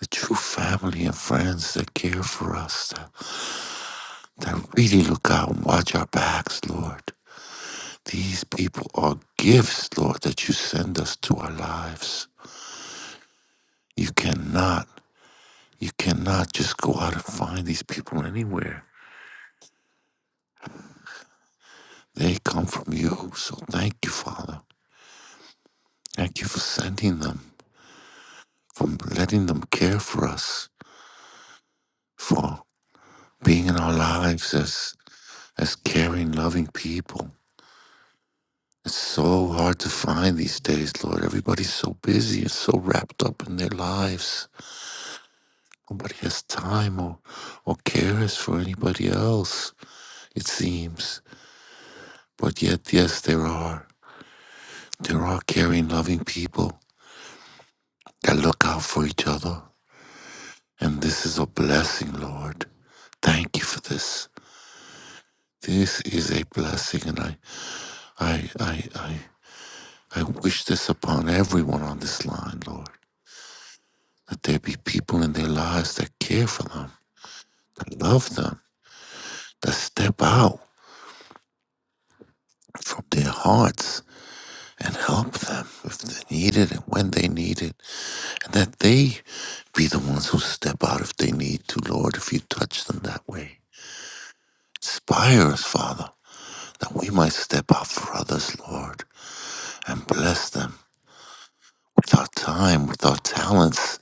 Speaker 6: the true family and friends that care for us, that That really look out and watch our backs, Lord. These people are gifts, Lord, that you send us to our lives. You cannot, you cannot just go out and find these people anywhere. They come from you. So thank you, Father. Thank you for sending them, for letting them care for us, for being in our lives as as caring, loving people. It's so hard to find these days, Lord. Everybody's so busy and so wrapped up in their lives Nobody has time or, or cares for anybody else, it seems. But yet, yes, there are. There are caring, loving people that look out for each other. And this is a blessing, Lord. Thank you for this. This is a blessing, and I, I, I, I, I wish this upon everyone on this line, Lord. That there be people in their lives that care for them, that love them, that step out from their hearts and help them if they need it and when they need it, and that they be the ones who step out if they need to, Lord, if you touch them that way. Inspire us, Father, that we might step out for others, Lord, and bless them with our time, with our talents,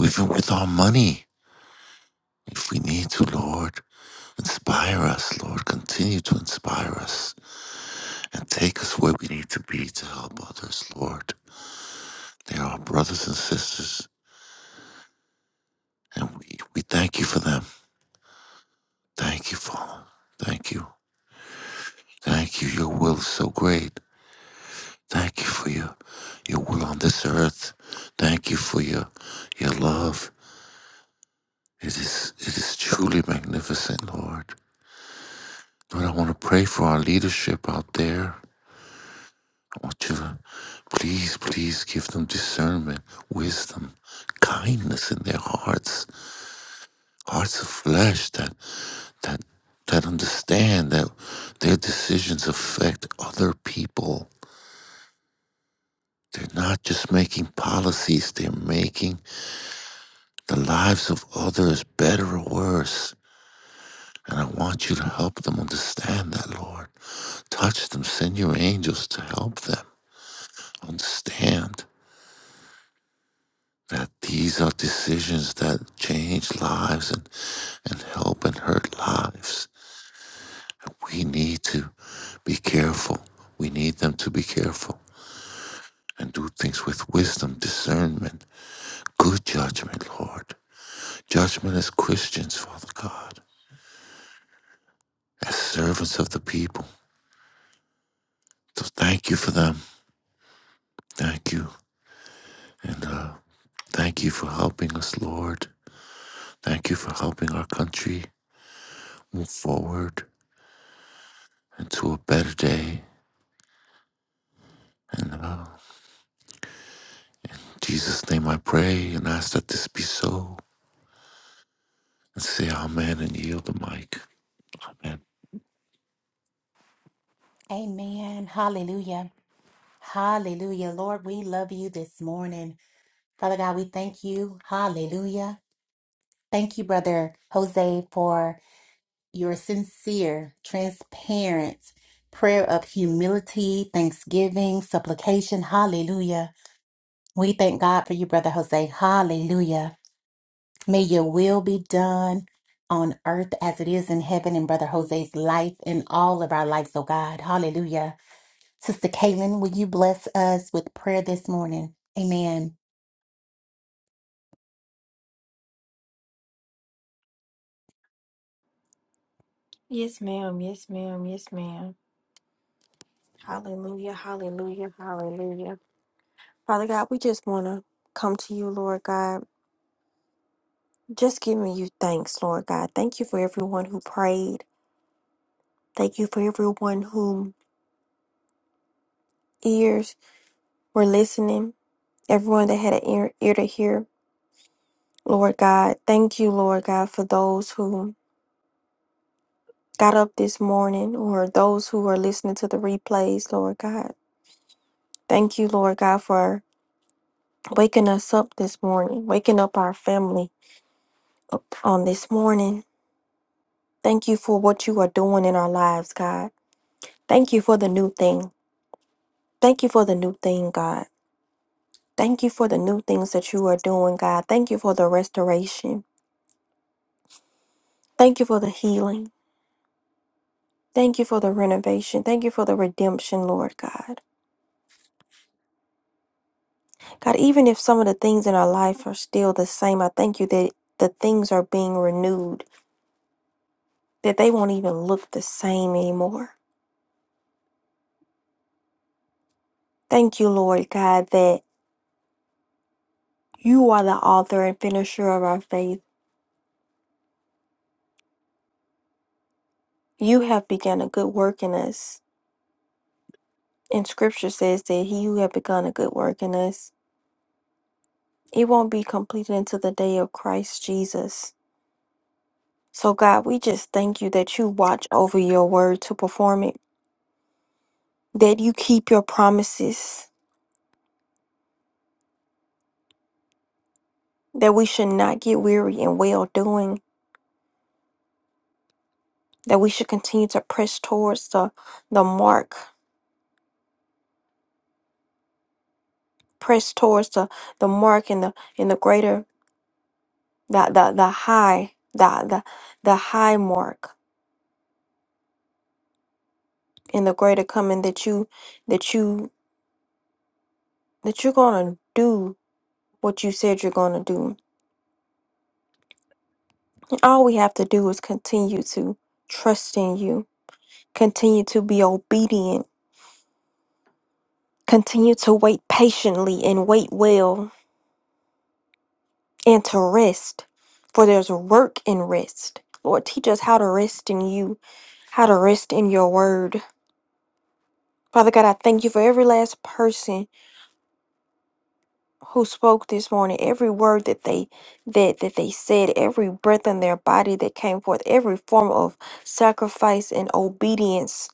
Speaker 6: even with our money, if we need to, Lord. Inspire us, Lord. Continue to inspire us and take us where we need to be to help others, Lord. They are our brothers and sisters, and we, we thank you for them. Thank you, Father. Thank you. Thank you. Your will is so great. Thank you for your your will on this earth. Thank you for your your love. It is it is truly magnificent, Lord. Lord, I want to pray for our leadership out there. I want you to please, please give them discernment, wisdom, kindness in their hearts, hearts of flesh that that that understand that their decisions affect other people They're not just making policies, they're making the lives of others better or worse. And I want you to help them understand that, Lord. Touch them, send your angels to help them understand that these are decisions that change lives and, and help and hurt lives. And we need to be careful. We need them to be careful and do things with wisdom, discernment, good judgment, Lord. Judgment as Christians, Father God, as servants of the people. So thank you for them. Thank you. And uh, thank you for helping us, Lord. Thank you for helping our country move forward into a better day. And uh, in Jesus' name I pray and ask that this be so. And say amen and yield the mic. Amen.
Speaker 1: Amen. Hallelujah. Hallelujah. Lord, we love you this morning. Father God, we thank you. Hallelujah. Thank you, Brother Jose, for your sincere, transparent prayer of humility, thanksgiving, supplication. Hallelujah. We thank God for you, Brother Jose. Hallelujah. May your will be done on earth as it is in heaven in Brother Jose's life and all of our lives, oh God. Hallelujah. Sister Caitlin, will you bless us with prayer this morning? Amen.
Speaker 2: Yes, ma'am. Yes, ma'am. Yes, ma'am. Hallelujah, hallelujah, hallelujah. Father God, we just want to come to you, Lord God, just giving you thanks, Lord God. Thank you for everyone who prayed. Thank you for everyone whom ears were listening, everyone that had an ear, ear to hear, Lord God. Thank you, Lord God, for those who got up this morning or those who are listening to the replays, Lord God. Thank you, Lord God, for waking us up this morning, waking up our family up on this morning. Thank you for what you are doing in our lives, God. Thank you for the new thing. Thank you for the new thing, God. Thank you for the new things that you are doing, God. Thank you for the restoration. Thank you for the healing. Thank you for the renovation. Thank you for the redemption, Lord God. God, even if some of the things in our life are still the same, I thank you that the things are being renewed, that they won't even look the same anymore. Thank you, Lord God, that you are the author and finisher of our faith. You have begun a good work in us. And scripture says that he who had begun a good work in us, it won't be completed until the day of Christ Jesus. So, God, we just thank you that you watch over your word to perform it, that you keep your promises, that we should not get weary in well doing, that we should continue to press towards the, the mark, press towards the, the mark and the, and the greater, the, the, the high, the, the, the high mark and the greater coming that you that you that you're gonna do what you said you're gonna do. All we have to do is continue to trust in you, continue to be obedient, continue to wait patiently and wait well and to rest. For there's work in rest. Lord, teach us how to rest in you, how to rest in your word. Father God, I thank you for every last person who spoke this morning every word that they that that they said every breath in their body that came forth every form of sacrifice and obedience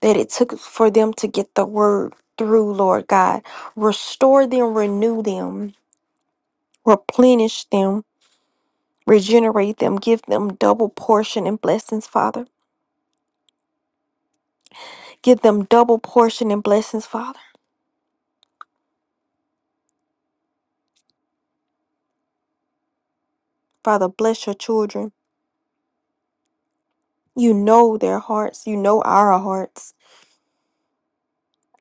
Speaker 2: that it took for them to get the word through lord god restore them renew them replenish them regenerate them give them double portion and blessings father give them double portion and blessings father father bless your children you know their hearts you know our hearts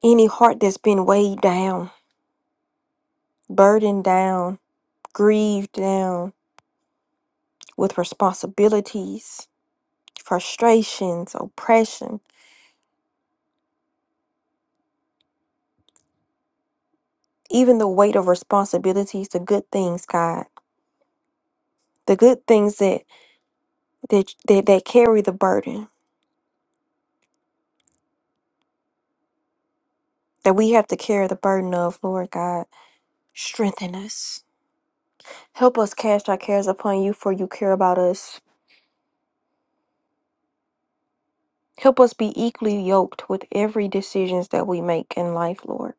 Speaker 2: any heart that's been weighed down burdened down, grieved down with responsibilities, frustrations, oppression, even the weight of responsibilities, the good things, God, the good things that that that, that carry the burden that we have to carry the burden of, Lord God, strengthen us. Help us cast our cares upon you, for you care about us. Help us be equally yoked with every decisions that we make in life, Lord.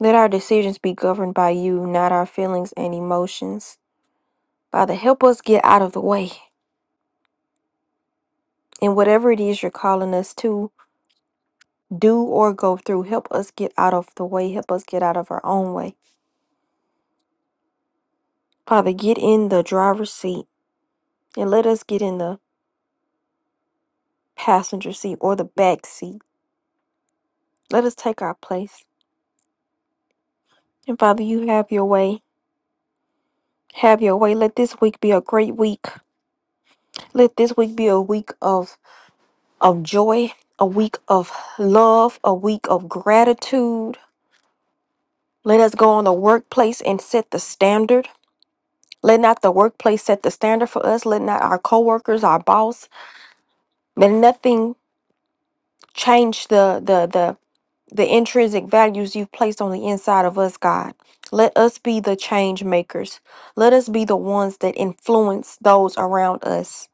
Speaker 2: Let our decisions be governed by you, not our feelings and emotions. Father, help us get out of the way. And whatever it is you're calling us to do or go through, help us get out of the way. Help us get out of our own way. Father, get in the driver's seat and let us get in the passenger seat or the back seat. Let us take our place. And Father, you have your way. Have your way. Let this week be a great week. Let this week be a week of, of joy, a week of love, a week of gratitude. Let us go on the workplace and set the standard. Let not the workplace set the standard for us. Let not our coworkers, our boss, let nothing change the the the the intrinsic values you've placed on the inside of us, God. Let us be the change makers. Let us be the ones that influence those around us.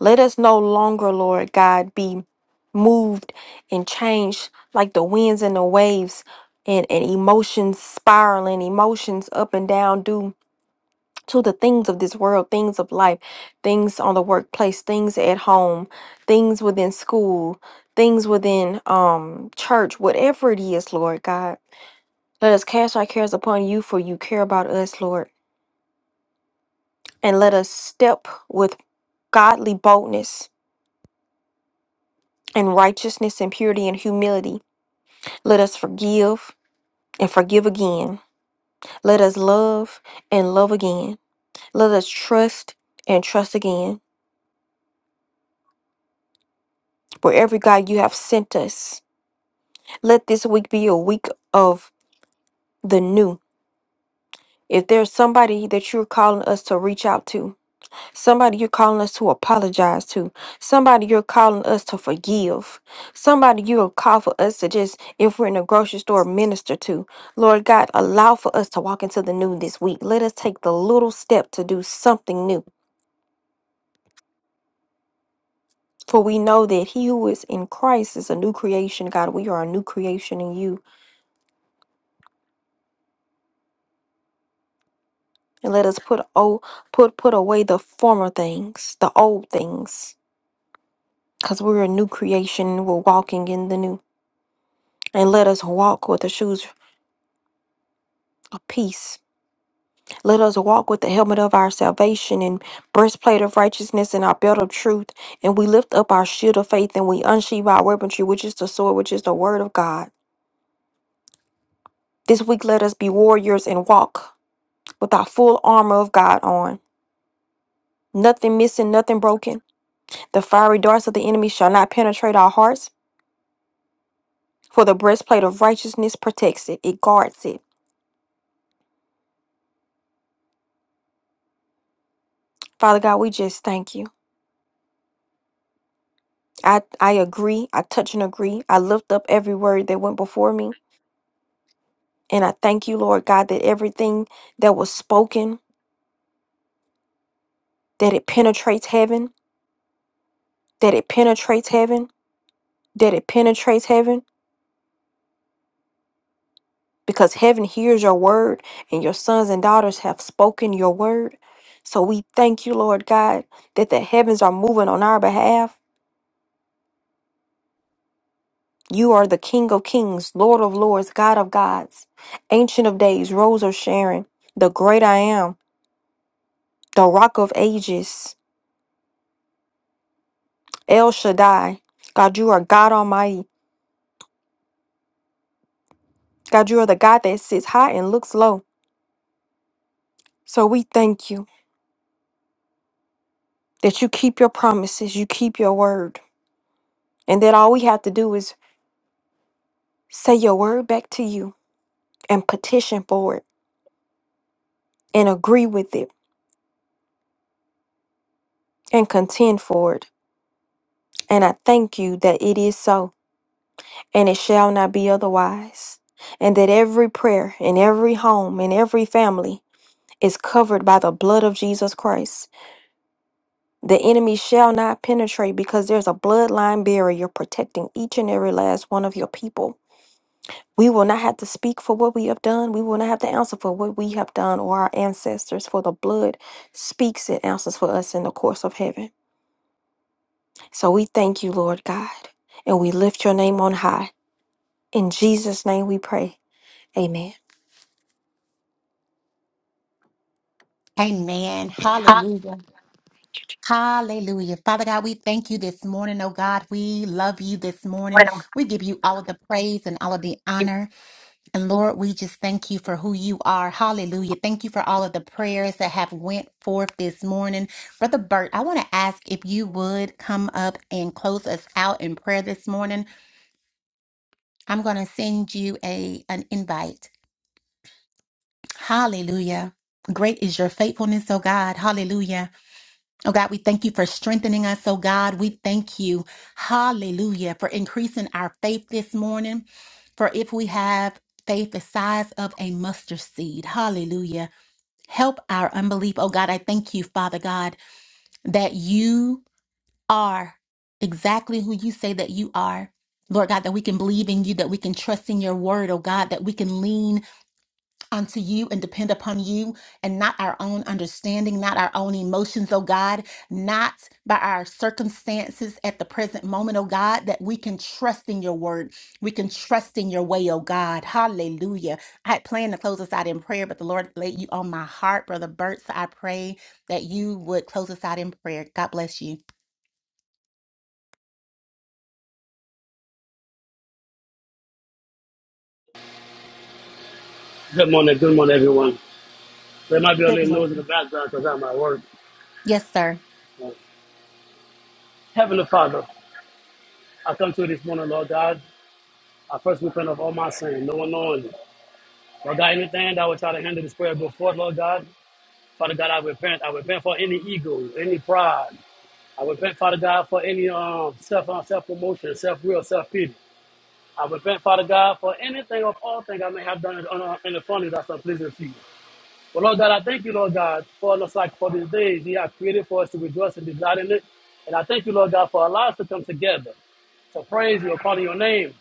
Speaker 2: Let us no longer, Lord God, be moved and changed like the winds and the waves and, and emotions spiraling, emotions up and down due to the things of this world, things of life, things on the workplace, things at home, things within school, things within um church, whatever it is, Lord God. Let us cast our cares upon you for you care about us, Lord. And let us step with godly boldness and righteousness and purity and humility. Let us forgive and forgive again. Let us love and love again. Let us trust and trust again. Wherever God you have sent us Let this week be a week of the new. If there's somebody that you're calling us to reach out to, somebody you're calling us to apologize to, somebody you're calling us to forgive, somebody you'll call for us to just, if we're in a grocery store, minister to, Lord God, allow for us to walk into the new this week. Let us take the little step to do something new. For we know that he who is in Christ is a new creation, God. We are a new creation in you. and let us put oh put put away the former things, the old things, because we're a new creation. We're walking in the new, and let us walk with the shoes of peace. Let us walk with the helmet of our salvation and breastplate of righteousness and our belt of truth. And we lift up our shield of faith and we unsheathe our weaponry, which is the sword, which is the word of God. This week, let us be warriors and walk with our full armor of God on. Nothing missing, nothing broken. The fiery darts of the enemy shall not penetrate our hearts For the breastplate of righteousness protects it, it guards it. Father God, we just thank you. I, I agree. I touch and agree. I lift up every word that went before me. And I thank you, Lord God, that everything that was spoken, that it penetrates heaven, that it penetrates heaven, that it penetrates heaven, because heaven hears your word and your sons and daughters have spoken your word. So we thank you, Lord God, that the heavens are moving on our behalf You are the King of Kings, Lord of Lords, God of Gods, Ancient of Days, Rose of Sharon, the Great I Am, the Rock of Ages, El Shaddai. God, you are God Almighty. God, you are the God that sits high and looks low. So we thank you that you keep your promises, you keep your word, and that all we have to do is say your word back to you and petition for it and agree with it and contend for it. And I thank you that it is so. and it shall not be otherwise. And that every prayer in every home in every family is covered by the blood of Jesus Christ. The enemy shall not penetrate because there's a bloodline barrier protecting each and every last one of your people. We will not have to speak for what we have done. We will not have to answer for what we have done or our ancestors, for the blood speaks and answers for us in the course of heaven. So we thank you, Lord God, and we lift your name on high. In Jesus' name we pray. Amen.
Speaker 1: Amen. Hallelujah. Hallelujah. Father God, we thank you this morning, oh God. We love you this morning. We give you all of the praise and all of the honor. And Lord, we just thank you for who you are. Hallelujah. Thank you for all of the prayers that have went forth this morning. Brother Bert, I want to ask if you would come up and close us out in prayer this morning. I'm going to send you a an invite. Hallelujah. Great is your faithfulness, oh God. Hallelujah. Oh God, we thank you for strengthening us, oh God. We thank you. Hallelujah. For increasing our faith this morning. For if we have faith the size of a mustard seed, hallelujah. Help our unbelief. Oh God, I thank you, Father God, that you are exactly who you say that you are. Lord God, that we can believe in you, that we can trust in your word, oh God, that we can lean unto you and depend upon you and not our own understanding, not our own emotions, oh God, not by our circumstances at the present moment, oh God, that we can trust in your word. We can trust in your way, oh God. Hallelujah. I had planned to close us out in prayer, but the Lord laid you on my heart, Brother Bert. So I pray that you would close us out in prayer. God bless you.
Speaker 7: Good morning, good morning, everyone. There might be a
Speaker 1: Good
Speaker 7: little
Speaker 1: morning.
Speaker 7: noise in the background because I'm at work.
Speaker 1: Yes, sir.
Speaker 7: Uh, Heavenly Father, I come to you this morning, Lord God. I first repent of all my sin, no one knowing it. Lord God, anything that I would try to handle this prayer before, Lord God, Father God, I repent. I repent for any ego, any pride. I repent, Father God, for any um, self uh, self promotion, self will, self pity. I repent, Father God, for anything of all things I may have done in, on, uh, in the funny that's unpleasing to you. Well, Lord God, I thank you, Lord God, for us like for these days you have created for us to rejoice and be glad in it. And I thank you, Lord God, for allowing us to come together to praise you according to your name.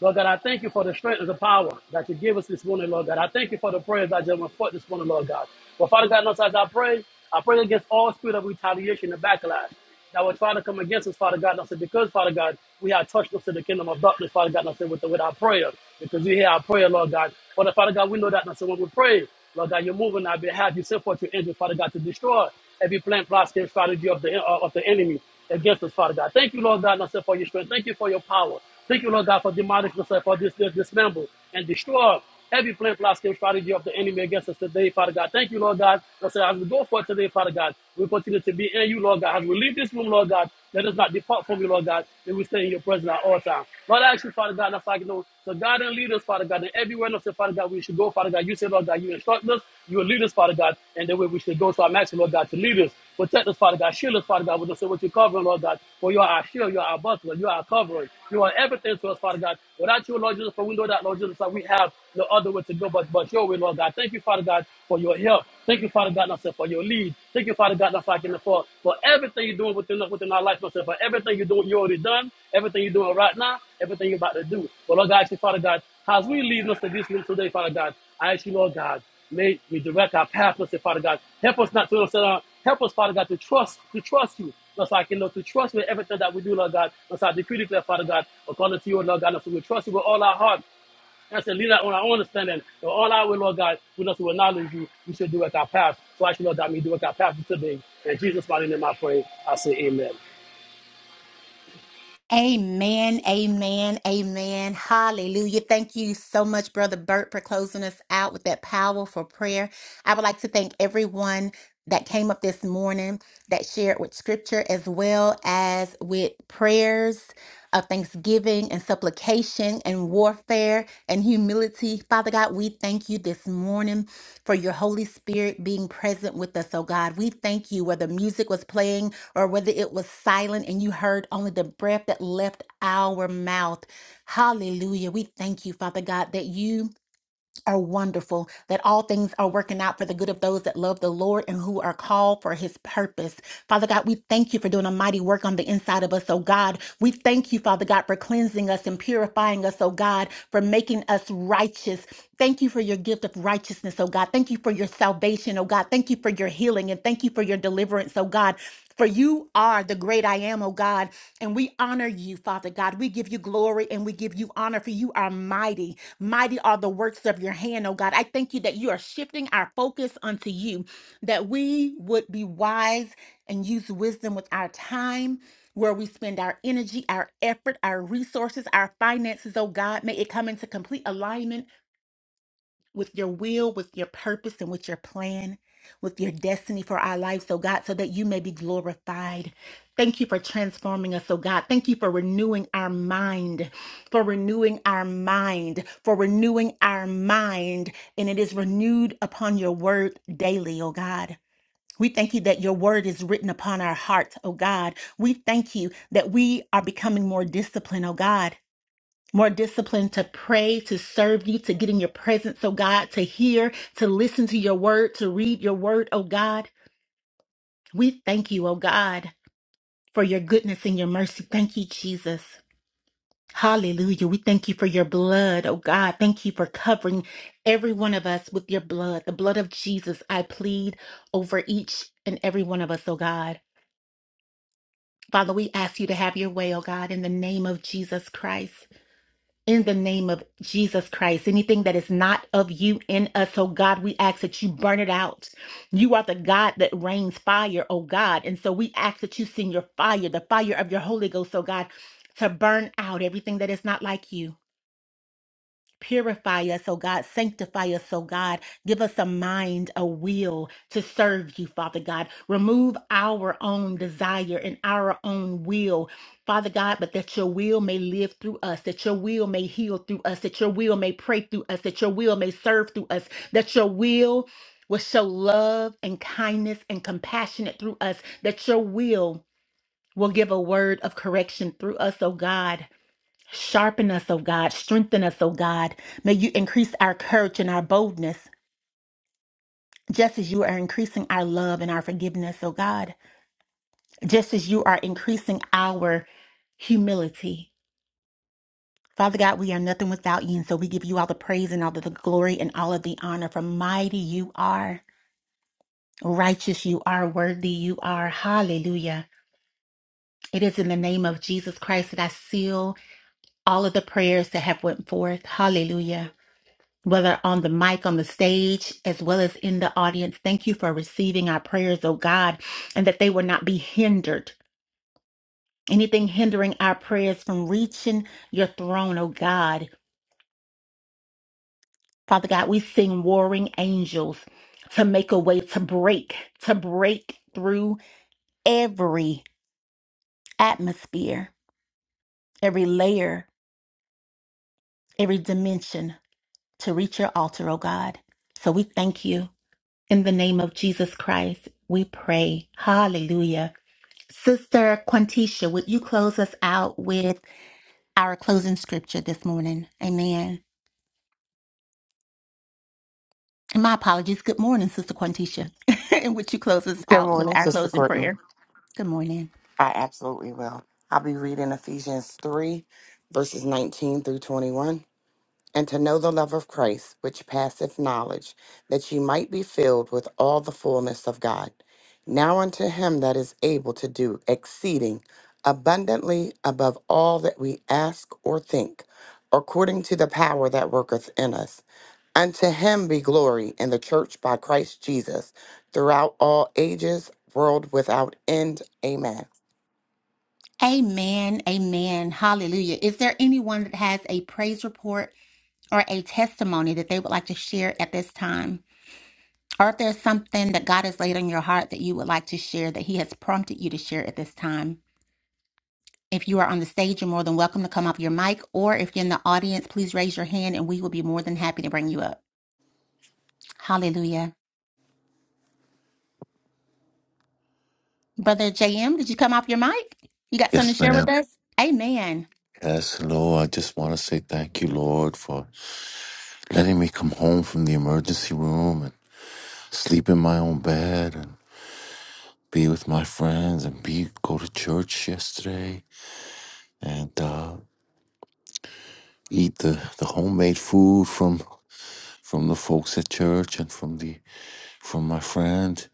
Speaker 7: Lord God, I thank you for the strength and the power that you give us this morning, Lord God. I thank you for the prayers that just went forth this morning, Lord God. But Father God, knows as I pray, I pray against all spirit of retaliation and backlash that will try to come against us, Father God. And I said, because, Father God, we have touched us to the kingdom of darkness, Father God, and I said, with, with our prayer, because you hear our prayer, Lord God. Father, Father God, we know that, and I said, when we pray, Lord God, you're moving on our behalf. You send forth your angel, Father God, to destroy every plan, plot, scheme, strategy of the, of the enemy against us, Father God. Thank you, Lord God, Lord, for your strength. Thank you for your power. Thank you, Lord God, for demonic yourself, for this, this dismember and destroy every plan, plot, scheme, strategy of the enemy against us today, Father God. Thank you, Lord God. Lord, as we go forth today, Father God, we continue to be in you, Lord God. As we leave this room, Lord God, let us not depart from you, Lord God, and we stay in your presence at all times. Lord, I ask you, Father God, that's like, you know, so God and lead us, Father God, and everywhere Daniel said, Father God, we should go. Father God, you said, Lord God, you instruct us, you will lead us, Father God, and the way we should go. So I'm asking, Lord God, to lead us, protect us, Father God, shield us, Father God, with us, so what you're covering, Lord God. For you are our shield, you are our buckler, you are our covering, you are everything to us, Father God. Without you, Lord Jesus, for we know that, Lord Jesus, that we have no other way to go but, but your way, Lord God. Thank you, Father God, for your help. Thank you, Father God, myself, for your lead. Thank you, Father God, myself, for, for everything you're doing within, within our life, myself, for everything you're doing, you already done, everything you're doing right now, everything you're about to do. But Lord God, I ask you, Father God, as we leave us to this room today, Father God, I ask you, Lord God, may we direct our path, Mr. Father God. Help us not to upset our, help us, Father God, to trust, to trust you. Lord, so I can, Lord, to trust you in everything that we do, Lord God. Lord, so I decree declare, Father God, according to you, Lord God, Lord, so we trust you with all our heart. And to lean not on our own understanding, but all our will, Lord God, we know to acknowledge you, we should direct our path. So I ask you, Lord God, may you direct our path today. In Jesus' mighty name I pray, I say amen.
Speaker 1: Amen, amen, amen. Hallelujah. Thank you so much, Brother Burt, for closing us out with that powerful prayer. I would like to thank everyone that came up this morning that shared with scripture as well as with prayers of thanksgiving and supplication and warfare and humility. Father God, we thank you this morning for your Holy Spirit being present with us, oh God. We thank you whether music was playing or whether it was silent and you heard only the breath that left our mouth. Hallelujah. We thank you, Father God, that you are wonderful, that all things are working out for the good of those that love the Lord and who are called for his purpose. Father God, we thank you for doing a mighty work on the inside of us, oh God. We thank you, Father God, for cleansing us and purifying us, oh God, for making us righteous. Thank you for your gift of righteousness, oh God. Thank you for your salvation, oh God. Thank you for your healing and thank you for your deliverance, oh God. For you are the great I am, oh God, and we honor you, Father God. We give you glory and we give you honor, for you are mighty. Mighty are the works of your hand, oh God. I thank you that you are shifting our focus unto you, that we would be wise and use wisdom with our time, where we spend our energy, our effort, our resources, our finances, oh God. May it come into complete alignment with your will, with your purpose, and with your plan, with your destiny for our lives, so God, so that you may be glorified. Thank you for transforming us, oh God. Thank you for renewing our mind, for renewing our mind, for renewing our mind. And it is renewed upon your word daily, oh God. We thank you that your word is written upon our hearts, oh God. We thank you that we are becoming more disciplined, oh God more discipline to pray, to serve you, to get in your presence, oh God, to hear, to listen to your word, to read your word, oh God. We thank you, oh God, for your goodness and your mercy. Thank you, Jesus. Hallelujah. We thank you for your blood, oh God. Thank you for covering every one of us with your blood. The blood of Jesus, I plead over each and every one of us, oh God. Father, we ask you to have your way, oh God, in the name of Jesus Christ. in the name of Jesus Christ. Anything that is not of you in us, oh God, we ask that you burn it out. You are the God that rains fire, oh God. And so we ask that you send your fire, the fire of your Holy Ghost, oh God, to burn out everything that is not like you. Purify us, oh God. Sanctify us, oh God. Give us a mind, a will to serve you, Father God. Remove our own desire and our own will, Father God, but that your will may live through us, that your will may heal through us, that your will may pray through us, that your will may serve through us, that your will will show love and kindness and compassionate through us, that your will will give a word of correction through us, oh God. Sharpen us, O God. Strengthen us, O God. May you increase our courage and our boldness, just as you are increasing our love and our forgiveness, O God. Just as you are increasing our humility. Father God, we are nothing without you, and so we give you all the praise and all of the glory and all of the honor. For mighty you are, righteous you are, worthy you are. Hallelujah. It is in the name of Jesus Christ that I seal all of the prayers that have went forth. Hallelujah. whether on the mic, on the stage, as well as in the audience. Thank you for receiving our prayers, oh God, and that they will not be hindered. Anything hindering our prayers from reaching your throne, oh God. Father God, we sing warring angels to make a way, to break, to break through every atmosphere, every layer, every dimension to reach your altar, oh God. So we thank you. In the name of Jesus Christ, we pray. Hallelujah. Sister Quantisha, would you close us out with our closing scripture this morning? Amen. And my apologies. Good morning, Sister Quantisha. and would you close us
Speaker 8: Good
Speaker 1: out with
Speaker 8: morning,
Speaker 1: our Morning.
Speaker 8: Sister
Speaker 1: closing?
Speaker 8: Courtney.
Speaker 1: prayer? Good morning.
Speaker 8: I absolutely will. I'll be reading Ephesians 3, verses 19 through 21 and to know the love of Christ, which passeth knowledge, that ye might be filled with all the fullness of God. Now unto him that is able to do exceeding abundantly above all that we ask or think, according to the power that worketh in us. Unto him be glory in the church by Christ Jesus throughout all ages, world without end. Amen.
Speaker 1: Amen. Amen. Hallelujah. Is there anyone that has a praise report or a testimony that they would like to share at this time? Or if there's something that God has laid on your heart that you would like to share that He has prompted you to share at this time? If you are on the stage, you're more than welcome to come off your mic, or if you're in the audience, please raise your hand and we will be more than happy to bring you up. Hallelujah. Brother JM, did you come off your mic? You got something
Speaker 6: Yes,
Speaker 1: to share with
Speaker 6: ma'am.
Speaker 1: us? Amen.
Speaker 6: Yes, Lord, I just want to say thank you, Lord, for letting me come home from the emergency room and sleep in my own bed. and. be with my friends and be go to church yesterday and uh, eat the, the homemade food from from the folks at church and from the from my friend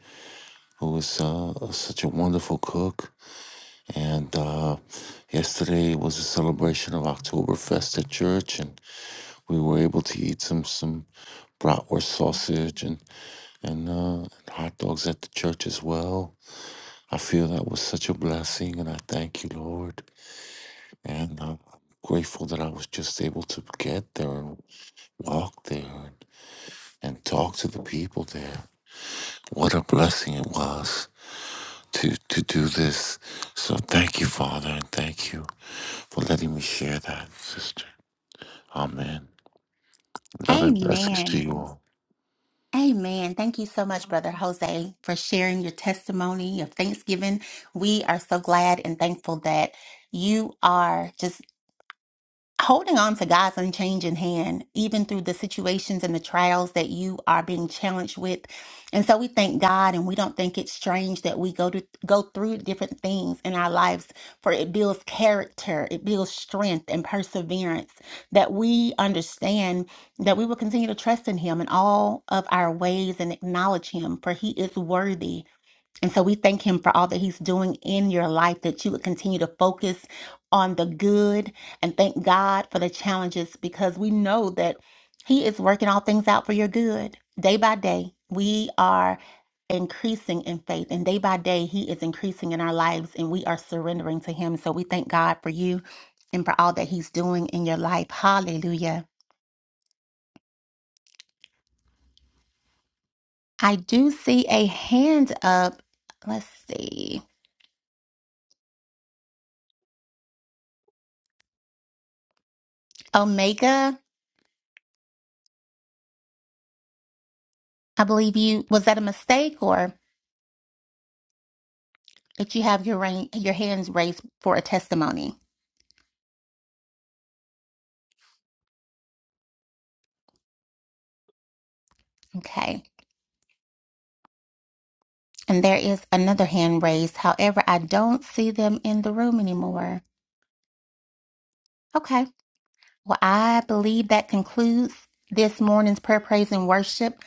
Speaker 6: who is uh, such a wonderful cook. And uh, yesterday was a celebration of Oktoberfest at church, and we were able to eat some some bratwurst sausage and and, uh, and hot dogs at the church as well. I feel that was such a blessing, and I thank you, Lord. And I'm grateful that I was just able to get there and walk there and, and talk to the people there. What a blessing it was to, to do this. So thank you, Father, and thank you for letting me share that, sister. Amen. Love and blessings
Speaker 1: Amen.
Speaker 6: to you all.
Speaker 1: Amen. Thank you so much, Brother Jose, for sharing your testimony of Thanksgiving. We are so glad and thankful that you are just holding on to God's unchanging hand, even through the situations and the trials that you are being challenged with. And so we thank God and we don't think it's strange that we go to go through different things in our lives for it builds character, it builds strength and perseverance that we understand that we will continue to trust in him in all of our ways and acknowledge him for he is worthy and so we thank him for all that he's doing in your life, that you would continue to focus on the good and thank God for the challenges because we know that he is working all things out for your good day by day. We are increasing in faith, and day by day, he is increasing in our lives, and we are surrendering to him. So we thank God for you and for all that he's doing in your life. Hallelujah. I do see a hand up. Let's see. Omega. I believe you was that a mistake or did you have your rain, your hands raised for a testimony? Okay. And there is another hand raised. However, I don't see them in the room anymore. Okay. Well, I believe that concludes this morning's prayer, praise, and worship.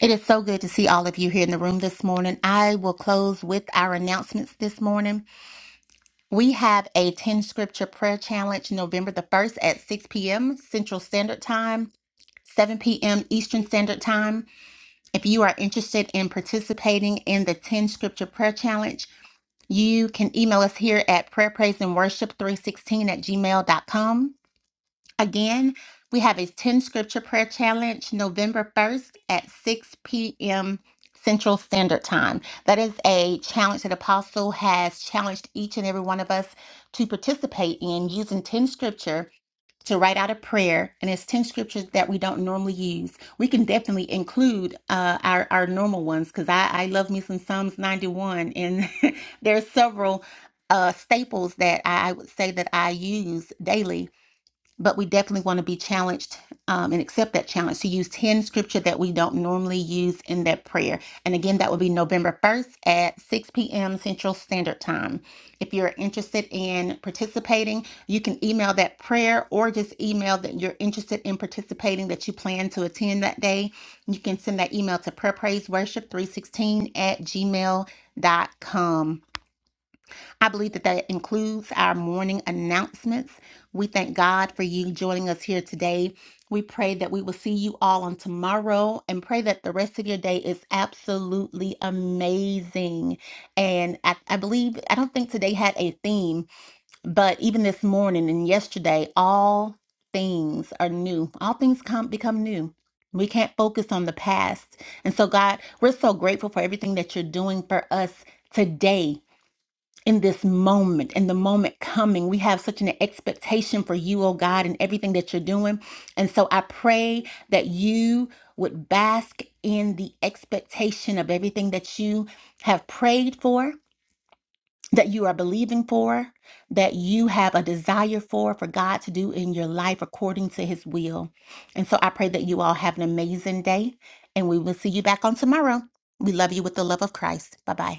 Speaker 1: It is so good to see all of you here in the room this morning. I will close with our announcements this morning. We have a 10 scripture prayer challenge November the 1st at 6 p.m. Central Standard Time, 7 p.m. Eastern Standard Time. If you are interested in participating in the 10 Scripture Prayer Challenge, you can email us here at prayer, praise, and worship 316 at gmail.com. Again, we have a 10 Scripture Prayer Challenge November 1st at 6 p.m. Central Standard Time. That is a challenge that Apostle has challenged each and every one of us to participate in using 10 Scripture to write out a prayer and it's 10 scriptures that we don't normally use we can definitely include uh, our, our normal ones because I, I love me some psalms 91 and there are several uh, staples that i I would say that i use daily but we definitely want to be challenged um, and accept that challenge to use 10 scripture that we don't normally use in that prayer. And again, that will be November 1st at 6 p.m. Central Standard Time. If you're interested in participating, you can email that prayer or just email that you're interested in participating that you plan to attend that day. You can send that email to prayerpraiseworship316 at gmail dot com. I believe that that includes our morning announcements. We thank God for you joining us here today. We pray that we will see you all on tomorrow and pray that the rest of your day is absolutely amazing. And I, I believe, I don't think today had a theme, but even this morning and yesterday, all things are new. All things come become new. We can't focus on the past. And so, God, we're so grateful for everything that you're doing for us today in this moment, in the moment coming. We have such an expectation for you, oh God, and everything that you're doing. And so I pray that you would bask in the expectation of everything that you have prayed for, that you are believing for, that you have a desire for, for God to do in your life according to his will. And so I pray that you all have an amazing day and we will see you back on tomorrow. We love you with the love of Christ. Bye bye.